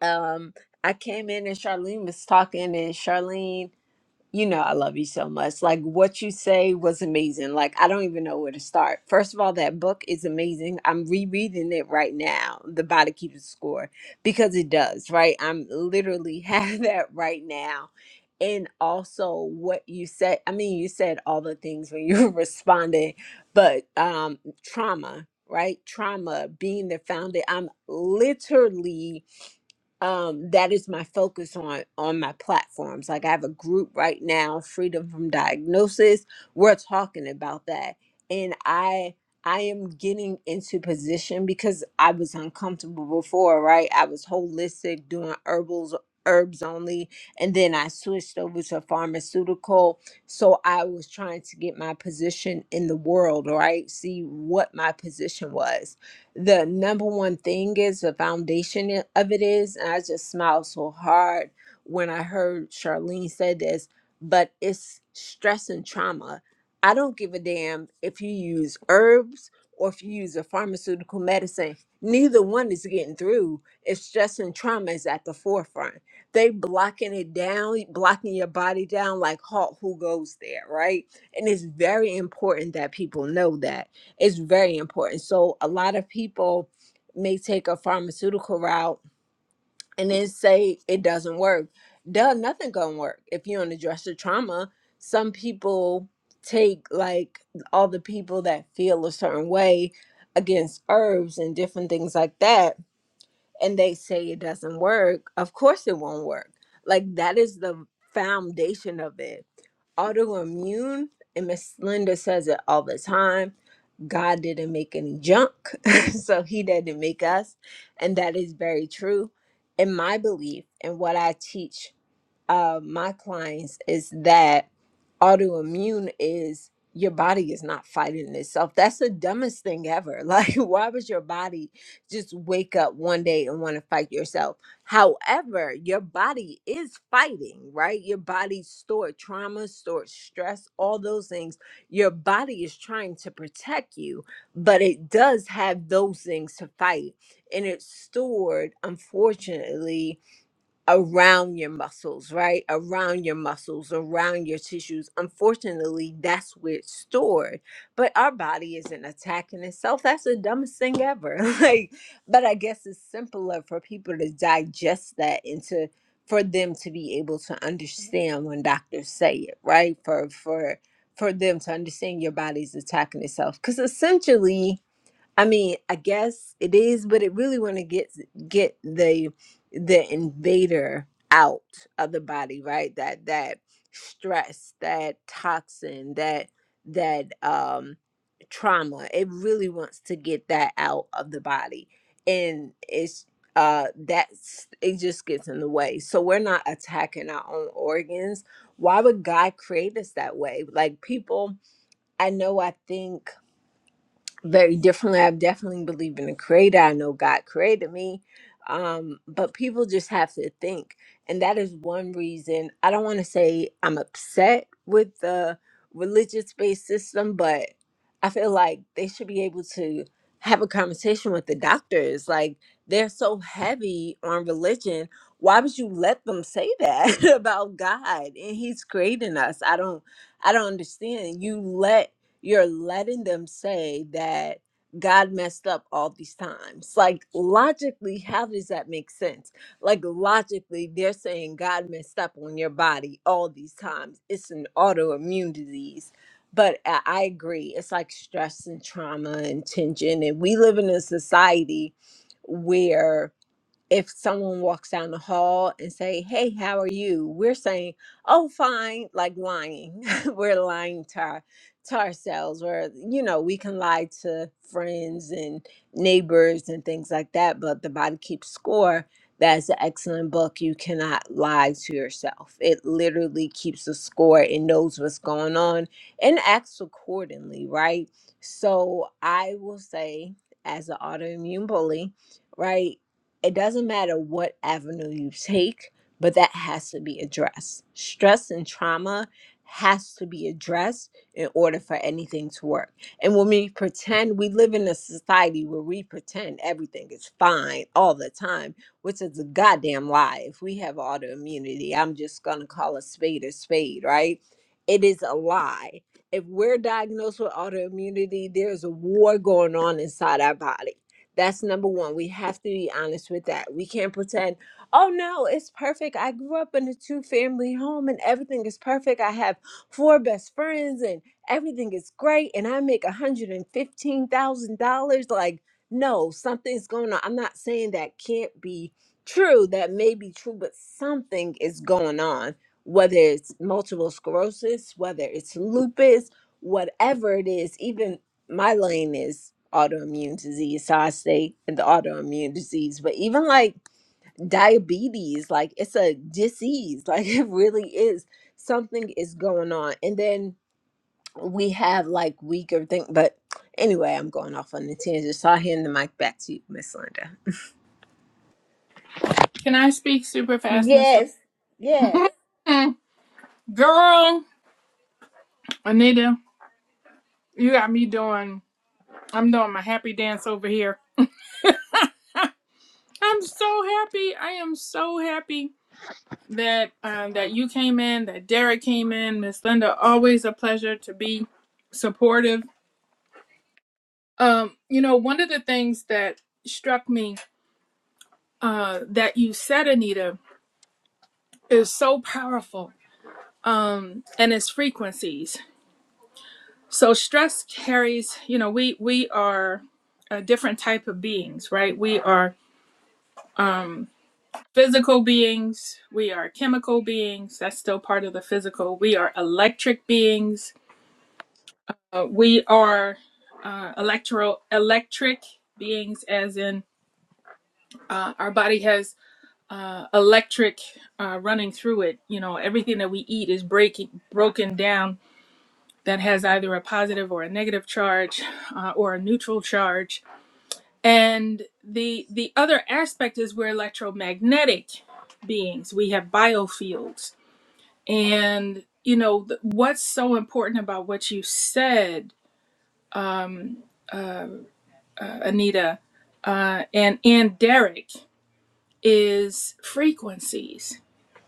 Um, I came in and Charlene was talking, and Charlene you know I love you so much. Like what you say was amazing. Like I don't even know where to start. First of all, that book is amazing. I'm rereading it right now, The Body Keeps Score, because it does, right? I'm literally have that right now. And also what you said, I mean, you said all the things when you responded. but um trauma, right? Trauma being the founder. I'm literally um that is my focus on on my platforms like i have a group right now freedom from diagnosis we're talking about that and i i am getting into position because i was uncomfortable before right i was holistic doing herbals herbs only and then i switched over to pharmaceutical so i was trying to get my position in the world right see what my position was the number one thing is the foundation of it is and i just smiled so hard when i heard charlene said this but it's stress and trauma i don't give a damn if you use herbs or if you use a pharmaceutical medicine neither one is getting through if stress and trauma is at the forefront they blocking it down blocking your body down like halt who goes there right and it's very important that people know that it's very important. So a lot of people may take a pharmaceutical route and then say it doesn't work. Duh, nothing gonna work if you don't address the trauma. Some people take like all the people that feel a certain way against herbs and different things like that, and they say it doesn't work. Of course it won't work. Like that is the foundation of it. Autoimmune, and Miss Linda says it all the time God didn't make any junk, so he didn't make us. And that is very true in my belief and what I teach uh, my clients is that autoimmune is your body is not fighting itself. That's the dumbest thing ever. Like, why would your body just wake up one day and want to fight yourself? However, your body is fighting, right? Your body stored trauma, stored stress, all those things. Your body is trying to protect you, but it does have those things to fight. And it's stored, unfortunately, around your muscles, right? Around your muscles, around your tissues. Unfortunately, that's where it's stored. But our body isn't attacking itself. That's the dumbest thing ever. like, but I guess it's simpler for people to digest that and to for them to be able to understand when doctors say it, right? For for for them to understand your body's attacking itself. Cause essentially I mean, I guess it is, but it really want to get get the the invader out of the body, right? That that stress, that toxin, that that um trauma. It really wants to get that out of the body. And it's uh that's it just gets in the way. So we're not attacking our own organs. Why would God create us that way? Like people I know I think very differently. I've definitely believed in a creator. I know God created me. Um, but people just have to think. And that is one reason I don't want to say I'm upset with the religious based system, but I feel like they should be able to have a conversation with the doctors. Like they're so heavy on religion. Why would you let them say that about God? And He's creating us. I don't I don't understand. You let you're letting them say that God messed up all these times. Like, logically, how does that make sense? Like, logically, they're saying God messed up on your body all these times. It's an autoimmune disease. But I I agree. It's like stress and trauma and tension. And we live in a society where if someone walks down the hall and say, "Hey, how are you?" We're saying, "Oh, fine," like lying. we're lying to, our, to ourselves, or you know, we can lie to friends and neighbors and things like that. But the body keeps score. That's an excellent book. You cannot lie to yourself. It literally keeps a score. It knows what's going on and acts accordingly, right? So I will say, as an autoimmune bully, right? it doesn't matter what avenue you take, but that has to be addressed. Stress and trauma has to be addressed in order for anything to work. And when we pretend, we live in a society where we pretend everything is fine all the time, which is a goddamn lie. If we have autoimmunity, I'm just going to call a spade a spade, right? It is a lie. If we're diagnosed with autoimmunity, there's a war going on inside our body that's number one. We have to be honest with that. We can't pretend, oh no, it's perfect. I grew up in a two family home and everything is perfect. I have four best friends and everything is great and I make $115,000. Like, no, something's going on. I'm not saying that can't be true. That may be true, but something is going on, whether it's multiple sclerosis, whether it's lupus, whatever it is, even my lane is autoimmune disease, so I stay in the autoimmune disease. But even like diabetes, like it's a disease, like it really is something is going on. And then we have like weaker thing, but anyway, I'm going off on the tangent. So I hand the mic back to you, Miss Linda. Can I speak super fast, Mr. Yes, yes. Girl, Anita, you got me doing, I'm doing my happy dance over here. I'm so happy. I am so happy that uh, that you came in, that Derek came in, Miss Linda. Always a pleasure to be supportive. Um, you know, one of the things that struck me uh, that you said, Anita, is so powerful um and its frequencies so stress carries you know we we are a different type of beings right we are um physical beings we are chemical beings that's still part of the physical we are electric beings uh, we are uh, electro electric beings as in uh, our body has uh, electric uh, running through it you know everything that we eat is breaking broken down that has either a positive or a negative charge uh, or a neutral charge. And the the other aspect is we're electromagnetic beings. We have biofields, and you know th- what's so important about what you said, uh, Anita, uh, and and Derek is frequencies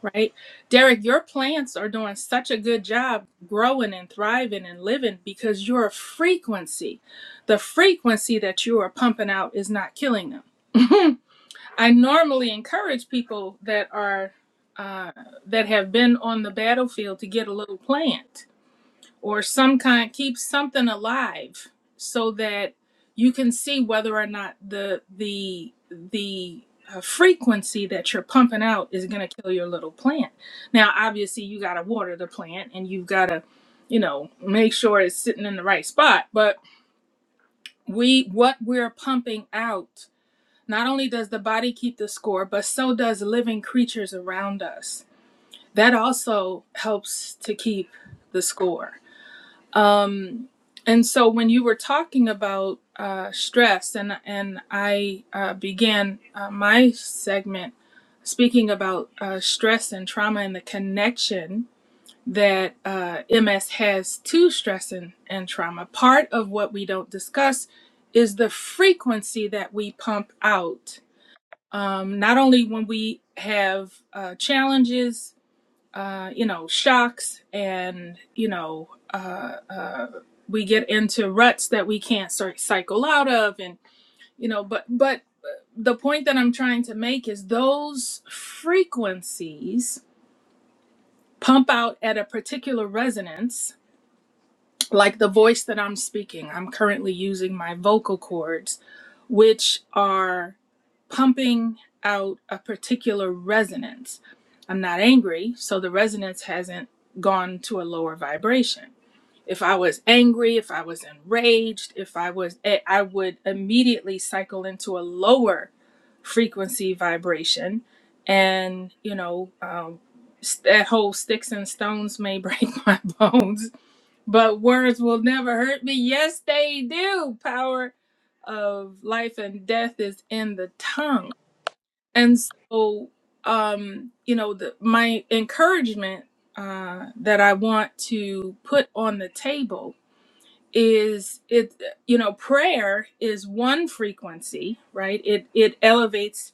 Right? Derek, your plants are doing such a good job growing and thriving and living because your frequency, the frequency that you are pumping out is not killing them. I normally encourage people that are uh, that have been on the battlefield to get a little plant or some kind keep something alive so that you can see whether or not the the the uh, frequency that you're pumping out is going to kill your little plant now obviously you got to water the plant and you've got to you know make sure it's sitting in the right spot but we what we're pumping out not only does the body keep the score but so does living creatures around us that also helps to keep the score Um, And so when you were talking about uh, stress, and and I uh, began uh, my segment speaking about uh, stress and trauma and the connection that uh, MS has to stress and, and trauma. Part of what we don't discuss is the frequency that we pump out. Um, not only when we have uh, challenges, uh, you know, shocks, and you know. uh, we get into ruts that we can't sort cycle out of and you know but but the point that i'm trying to make is those frequencies pump out at a particular resonance like the voice that i'm speaking i'm currently using my vocal cords which are pumping out a particular resonance i'm not angry so the resonance hasn't gone to a lower vibration if I was angry, if I was enraged, if I was, eh, I would immediately cycle into a lower frequency vibration. And, you know, um, that whole sticks and stones may break my bones, but words will never hurt me. Yes, they do. Power of life and death is in the tongue. And so, um, you know, the, my encouragement uh, that I want to put on the table is it you know prayer is one frequency right it it elevates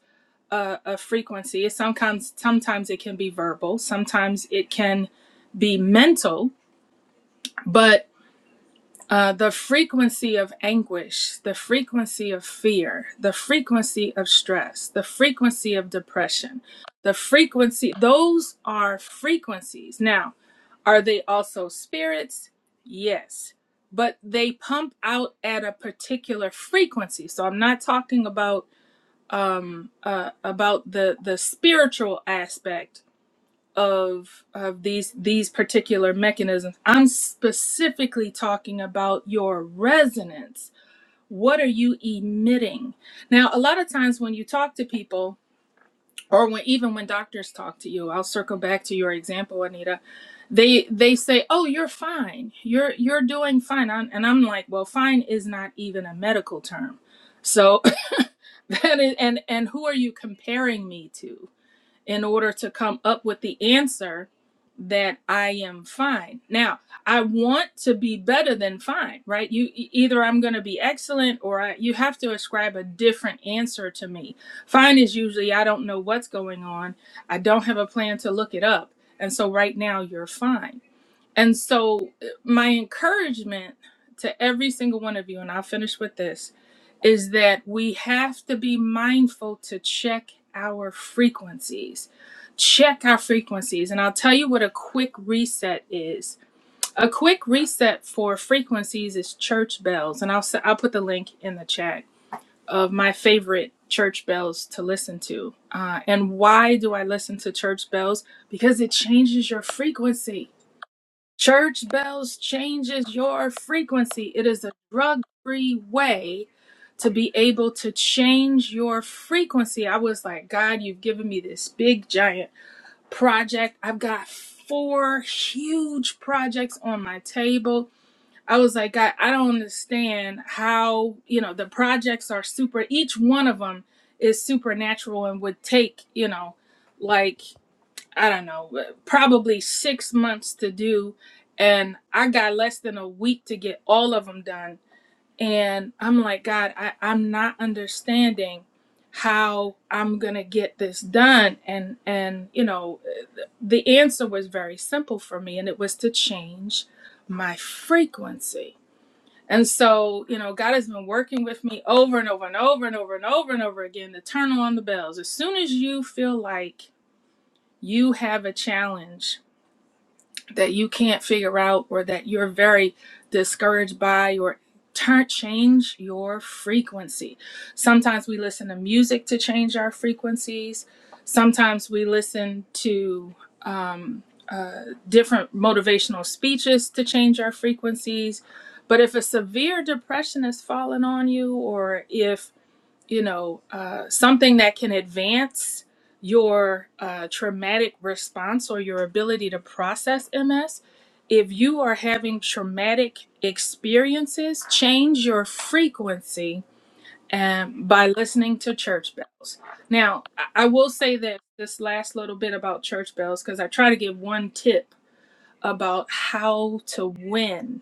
a, a frequency It's sometimes sometimes it can be verbal sometimes it can be mental but uh, the frequency of anguish the frequency of fear the frequency of stress the frequency of depression the frequency those are frequencies now are they also spirits? Yes. But they pump out at a particular frequency. So I'm not talking about um uh about the the spiritual aspect of of these these particular mechanisms. I'm specifically talking about your resonance. What are you emitting? Now, a lot of times when you talk to people, or when even when doctors talk to you i'll circle back to your example anita they they say oh you're fine you're you're doing fine I'm, and i'm like well fine is not even a medical term so that is and and who are you comparing me to in order to come up with the answer that I am fine. Now, I want to be better than fine, right? You e- either I'm going to be excellent or I, you have to ascribe a different answer to me. Fine is usually I don't know what's going on. I don't have a plan to look it up. And so right now you're fine. And so uh, my encouragement to every single one of you and I'll finish with this is that we have to be mindful to check our frequencies. Check our frequencies. And I'll tell you what a quick reset is. A quick reset for frequencies is church bells. And I'll, s- I'll put the link in the chat of my favorite church bells to listen to. Uh, and why do I listen to church bells? Because it changes your frequency Church bells changes your frequency. It is a drug free way to be able to change your frequency. I was like, God, you've given me this big giant project. I've got four huge projects on my table. I was like, God, I don't understand how, you know, the projects are super, each one of them is supernatural and would take, you know, like I don't know, uh, probably six months to do. And I got less than a week to get all of them done. And I'm like, God, I, I'm not understanding how I'm going to get this done. And, and, you know, uh, the answer was very simple for me, and it was to change my frequency. And so, you know, God has been working with me over and over and over and over and over and over again to turn on the bells. As soon as you feel like you have a challenge, that you can't figure out or that you're very discouraged by or turn change your frequency. Sometimes we listen to music to change our frequencies. Sometimes we listen to um, uh, different motivational speeches to change our frequencies. But if a severe depression is falling on you, or if you know, uh, something that can advance your uh, traumatic response or your ability to process MS. If you are having traumatic experiences, change your frequency um, by listening to church bells. Now, I I will say that this last little bit about church bells, because I try to give one tip about how to win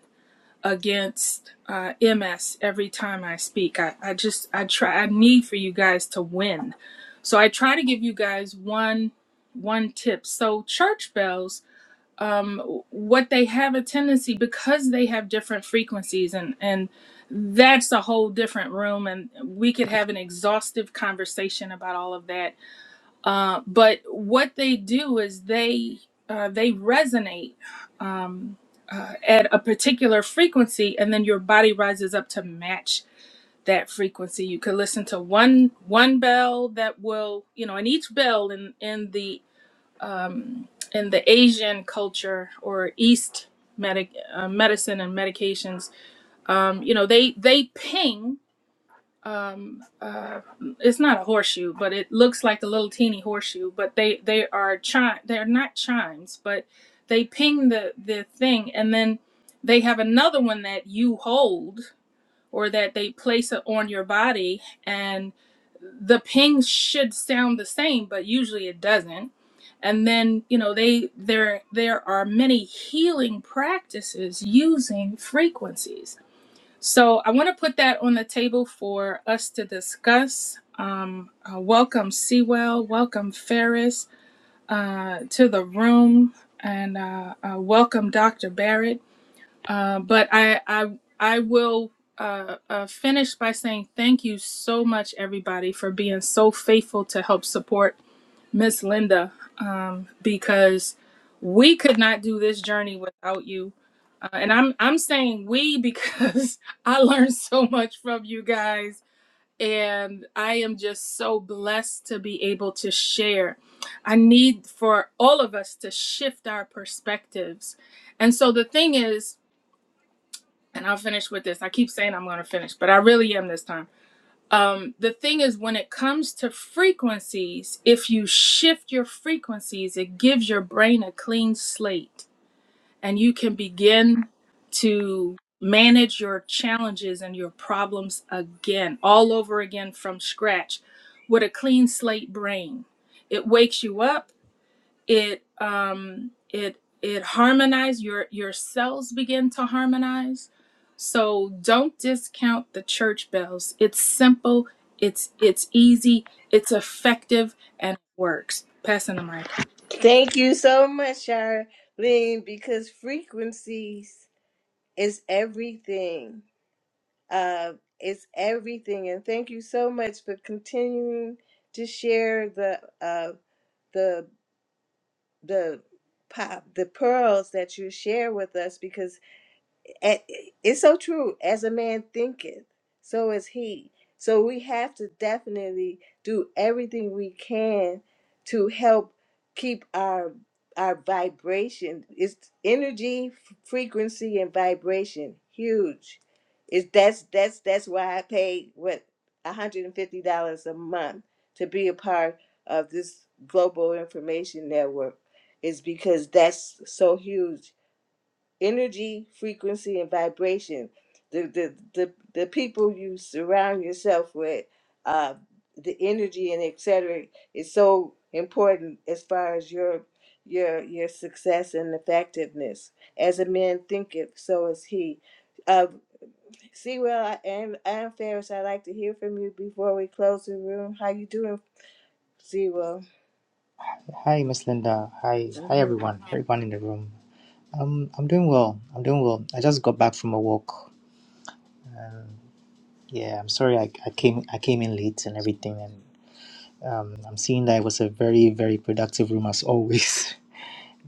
against uh, MS every time I speak. I, I just I try I need for you guys to win. So I try to give you guys one one tip. So church bells, um, what they have a tendency because they have different frequencies and and that's a whole different room and we could have an exhaustive conversation about all of that uh, but what they do is they uh, they resonate um, uh, at a particular frequency, and then your body rises up to match that frequency. You could listen to one one bell that will you know, and each bell in in the um, in the Asian culture or East medic uh, medicine and medications, um, you know, they they ping um uh it's not a horseshoe but it looks like a little teeny horseshoe but they they are chime they're not chimes but they ping the the thing and then they have another one that you hold or that they place it on your body and the ping should sound the same but usually it doesn't and then you know they there there are many healing practices using frequencies so I want to put that on the table for us to discuss. Um, uh, welcome, Sewell. Welcome, Ferris, uh, to the room, and uh, uh, welcome, Dr. Barrett. Uh, but I, I, I will. Uh, uh, finish by saying thank you so much, everybody, for being so faithful to help support Miss Linda, um, because we could not do this journey without you. Uh, and I'm I'm saying we because I learned so much from you guys, and I am just so blessed to be able to share. I need for all of us to shift our perspectives. And so the thing is, and I'll finish with this. I keep saying I'm going to finish, but I really am this time um, the thing is, when it comes to frequencies, if you shift your frequencies, it gives your brain a clean slate and you can begin to manage your challenges and your problems again, all over again from scratch with a clean slate brain. It wakes you up, it, um, it, it harmonizes your your cells begin to harmonize so don't discount the church bells. It's simple, it's it's easy, it's effective, and it works. Passing the mic. Thank you so much, Charlene, because frequencies is everything. Uh, it's everything, and thank you so much for continuing to share the uh, the the pop the pearls that you share with us because and it's so true as a man thinketh so is he so we have to definitely do everything we can to help keep our our vibration it's energy f- frequency and vibration huge it's that's that's that's why i pay what $150 a month to be a part of this global information network is because that's so huge energy, frequency, and vibration. The the the, the people you surround yourself with, uh, the energy and etc. is so important as far as your your your success and effectiveness. As a man thinketh, so is he. Uh, see, well, I am, I am Ferris. I'd like to hear from you before we close the room. How you doing, Sewell? Hi, Miss Linda. Hi, hi everyone. Everyone in the room. Um, I'm doing well. I'm doing well. I just got back from a walk. Um, yeah, I'm sorry I, I came I came in late and everything, and um, I'm seeing that it was a very very productive room as always.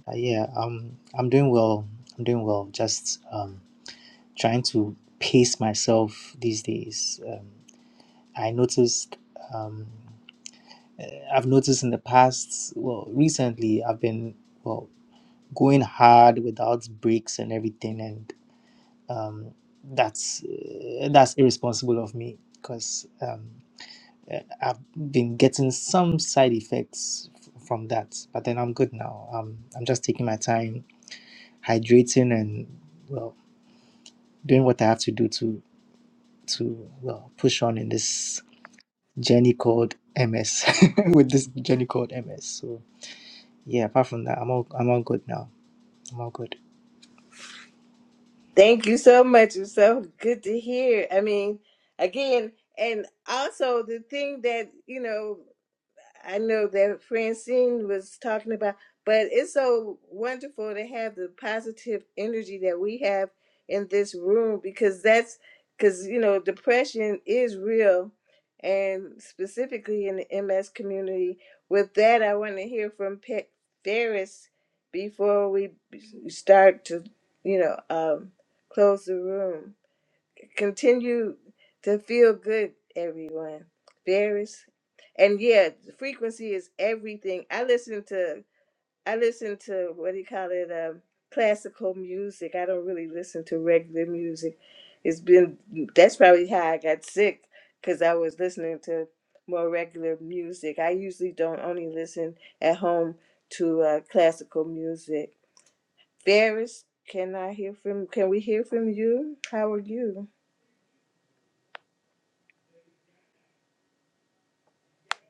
Uh, yeah, um, I'm doing well. I'm doing well. Just um, trying to pace myself these days. Um, I noticed. Um, eh, I've noticed in the past. Well, recently I've been well going hard without breaks and everything and um, that's uh, that's irresponsible of me because um, eh, i've been getting some side effects f- from that but then i'm good now um, i'm just taking my time hydrating and well doing what i have to do to to well push on in this journey called ms with this journey called ms so yeah apart from that i'm all i'm all good now i'm all good Thank you so much. It's so good to hear. I mean, again, and also the thing that, you know, I know that Francine was talking about, but it's so wonderful to have the positive energy that we have in this room because that's because you know depression is real, and specifically in the MS community. With that, I want to hear from Pat Ferris before we start to you know um, close the room continue to feel good, everyone. Various and yeah, frequency is everything. I listen to I listen to what do you call it? Um, classical music. I don't really listen to regular music. It's been that's probably how I got sick because I was listening to more regular music. I usually don't only listen at home to uh, classical music. Ferris, can I hear from? Can we hear from you? How are you?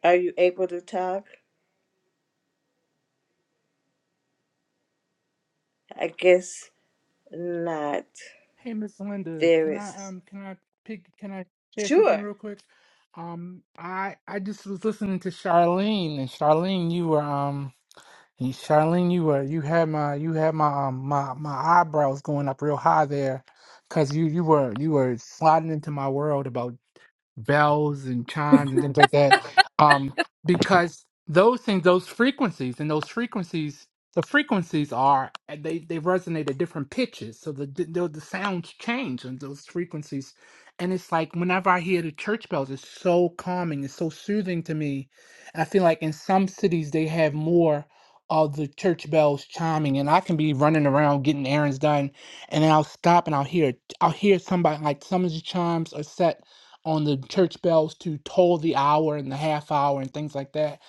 Are you able to talk? I guess not. Hey, Miss Linda, There can I is. um can I pick can I share something Sure. real quick? Um, I I just was listening to Charlene and Charlene, you were um you- Charlene, you were you had my you had my um my my eyebrows going up real high there, cause you you were you were sliding into my world bells and chimes and things like that um because those things those frequencies and those frequencies the frequencies are eh, they they resonate at different pitches so the the, the sounds change on those frequencies and it's like whenever i hear the church bells it's so calming it's so soothing to me i feel like in some cities they have more of the church bells chiming and i can be running around getting errands done and then i'll stop and i'll hear i'll hear somebody like some of the chimes are set on the church bells to toll the hour and the half hour and things like that.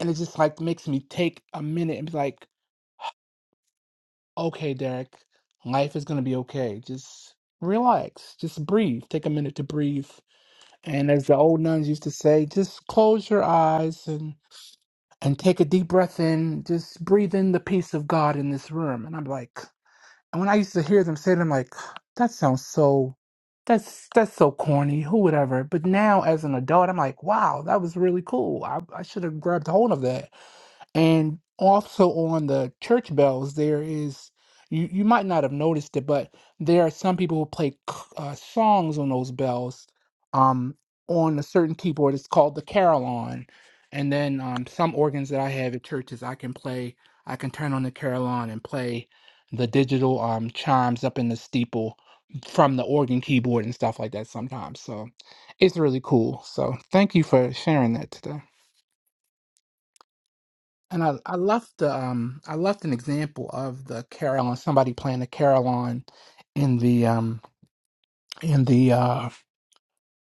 And it just like makes me take a minute and be like, okay, Derek, life is gonna be okay. Just relax, just breathe, take a minute to breathe. And as the old nuns used to say, just close your eyes and and take a deep breath in, just breathe in the peace of God in this room. And I'm like, And when I used to hear them say it, I'm like, that sounds so that's that's so corny, who would ever. But now as an adult, I'm like, wow, that was really cool. I, I should have grabbed hold of that. And also on the church bells, there is, you, you might not have noticed it, but there are some people who play c- uh, songs on those bells um, on a certain keyboard. It's called the carillon. And then um, some organs that I have at churches, I can play, I can turn on the carillon and play the digital um, chimes up in the steeple from the organ keyboard and stuff like that sometimes. So it's really cool. So thank you for sharing that today. And I, I left the um I left an example of the carillon, somebody playing the carillon in the um in the uh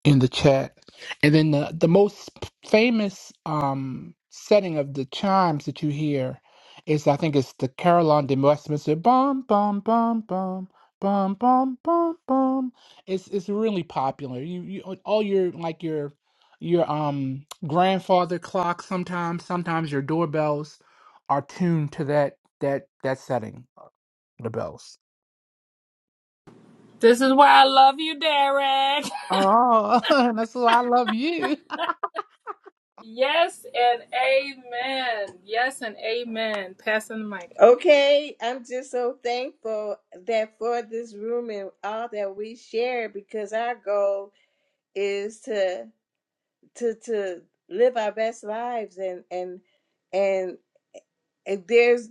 in the chat. And then the, the most famous um, setting of the chimes that you hear is, I think it's the Carillon de Westminster. Bum, bum, bum, bum. Bum bum bum bum. It's it's really popular. You you all your like your your um grandfather clock. Sometimes sometimes your doorbells are tuned to that that that setting. uh, The bells. This is why I love you, Derek. Oh, that's why I love you. Yes and amen. Yes and amen. Passing the mic. Okay. I'm just so thankful that for this room and all that we share because our goal is to to to live our best lives and and and if there's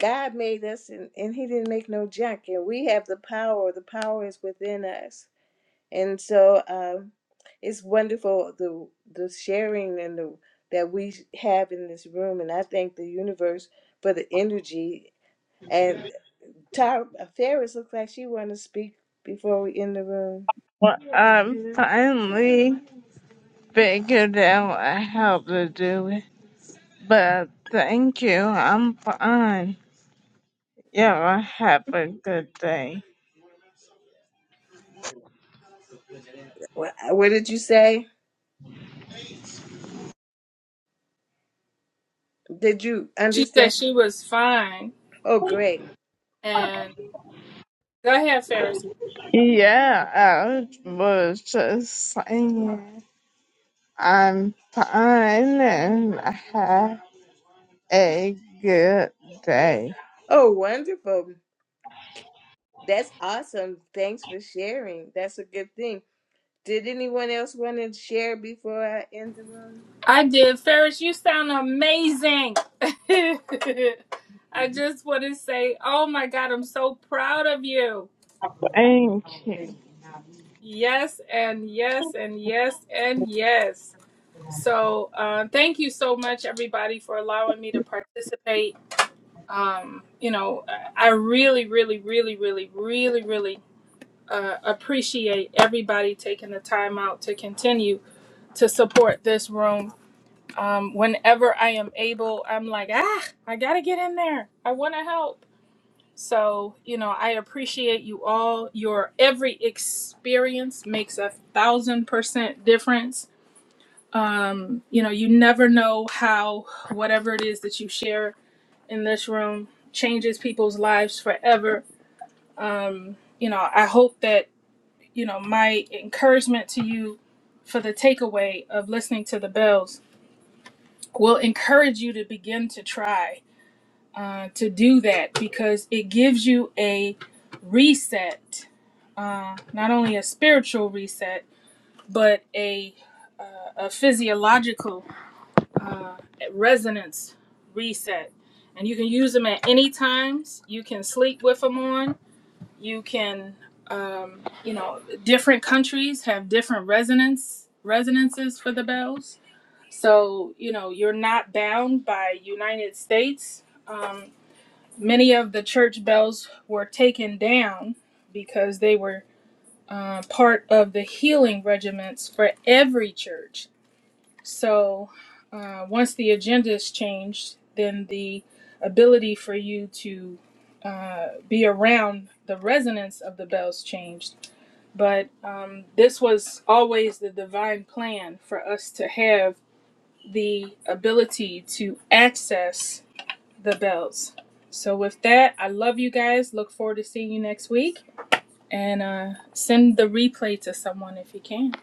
God made us and, and he didn't make no junk and we have the power. The power is within us and so um, it's wonderful the the sharing and the that we have in this room and i thank the universe for the energy and Tara ferris looks like she want to speak before we end the room Well, I'm finally figured out how to do it. But thank you, I'm fine. Y'all have a good day. what, what did you say did you She understand said she was fine. oh great And go ahead, Ferris. Yeah, I was just saying I'm fine and have a good day. oh wonderful that's awesome thanks for sharing that's a good thing did anyone else want to share before i end the room I did. Ferris, you sound amazing. I just want to say, oh my God, I'm so proud of you. Thank you. Yes, and yes, and yes, and yes. So, uh, thank you so much, everybody, for allowing me to participate. Um, you know, I I really, really, really, really, really, really uh, appreciate everybody taking the time out to continue to support this room. Um, whenever I am able, I'm like, ah, I gotta get in there. I want to help. So, you know, I appreciate you all. Your every experience makes a thousand percent difference. Um, you know, you never know how whatever it is that you share in this room changes people's lives forever. Um, you know, I hope that, you know, my encouragement to you for the takeaway of listening to the bells will encourage you to begin to try uh, to do that because it gives you a reset, uh, not only a spiritual reset, but a, a physiological uh, resonance reset. And you can use them at any times. You can sleep with them on. You can, um, you know, different countries have different resonance resonances for the bells. So you know you're not bound by United States. um, Many of the church bells were taken down because they were uh, part of the healing regiments for every church. So uh, once the agenda is changed, then the ability for you to uh, be around the resonance of the bells changed. But um, this was always the divine plan for us to have the ability to access the bells. So with that, I love you guys. Look forward to seeing you next week. And uh, send the replay to someone if you can.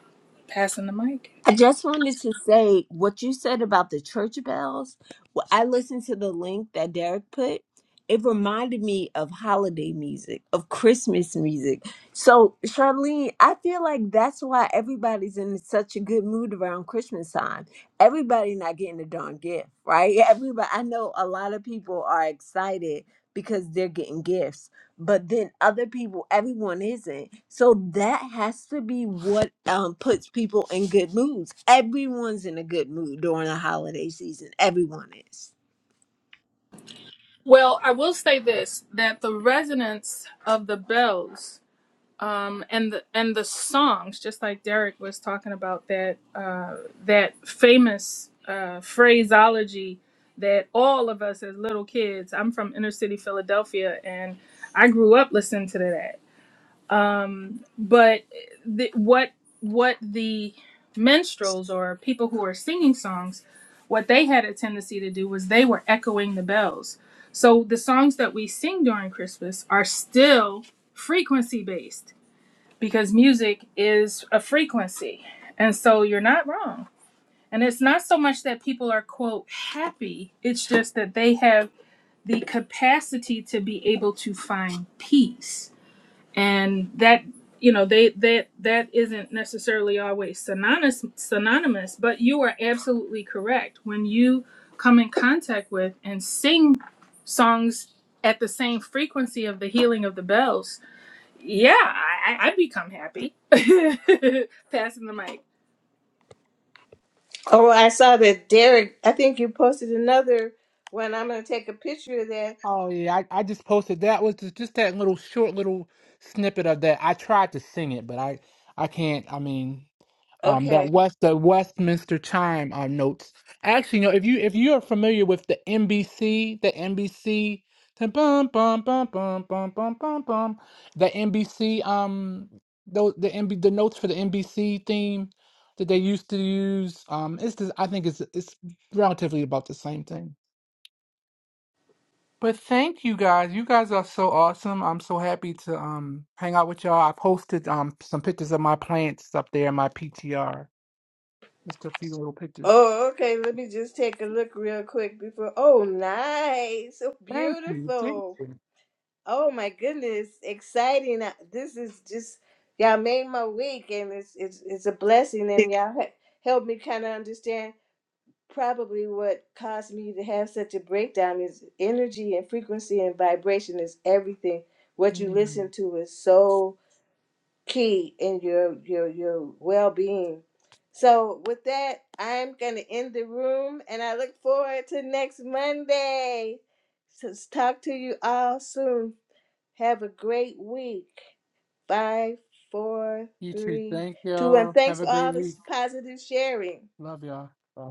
Passing the mic. I just wanted to say what you said about the church bells. Well, I listened to the link that Derek put. It reminded me of holiday music, of Christmas music. So, Charlene, I feel like that's why everybody's in such a good mood around Christmas time. Everybody not getting a darn gift, right? Everybody. I know a lot of people are excited because they're getting gifts but then other people everyone isn't so that has to be what um puts people in good moods everyone's in a good mood during the holiday season everyone is Well, I will say this: that the resonance of the bells um, and the and the songs, just like Derek was talking about that uh, that famous uh, phraseology that all of us as little kids. I'm from inner city Philadelphia, and I grew up listening to that but the, what what the minstrels or people who are singing songs what they had a tendency to do was they were echoing the bells so the songs that we sing during christmas are still frequency based because music is a frequency and so you're not wrong and it's not so much that people are quote happy it's just that they have the capacity to be able to find peace and that you know they that that isn't necessarily always synonymous synonymous but you are absolutely correct when you come in contact with and sing songs at the same frequency of the healing of the bells yeah i i I become happy passing the mic Oh, well, I saw that Derek. I think you posted another one. I'm going to take a picture of that. Oh yeah, I, I just posted that was just, just that little short little snippet of that. I tried to sing it, but I I can't. I mean, um, that Okay. West the Westminster chime uh, notes. Actually, you know, if you if you are familiar with the NBC, the NBC, the bum bum bum bum bum bum bum bum, the NBC um those the NB the notes for the NBC theme that they used to use um it's just, I think it's it's relatively about the same thing. But thank you guys. You guys are so awesome. I'm so happy to um hang out with y'all. I posted um some pictures of my plants up there in my PTR. Just a few little pictures. Oh, okay. Let me just take a look real quick before. Oh, nice. So Thank you. Thank beautiful. you. Oh, my goodness. Exciting. Uh, This is just, y'all made my week, and it's, it's, it's a blessing. And y'all he- helped me kind of understand probably what caused me to have such a breakdown is energy and frequency and vibration is everything. What you Mm. listen to is so key in your your your well-being. So with that, I'm going to end the room and I look forward to next Monday. So s- talk to you all soon. Have a great week. Five, four, You too. three, Thank two, and y'all. thanks Have a for great all this week. positive sharing. Love y'all. Bye.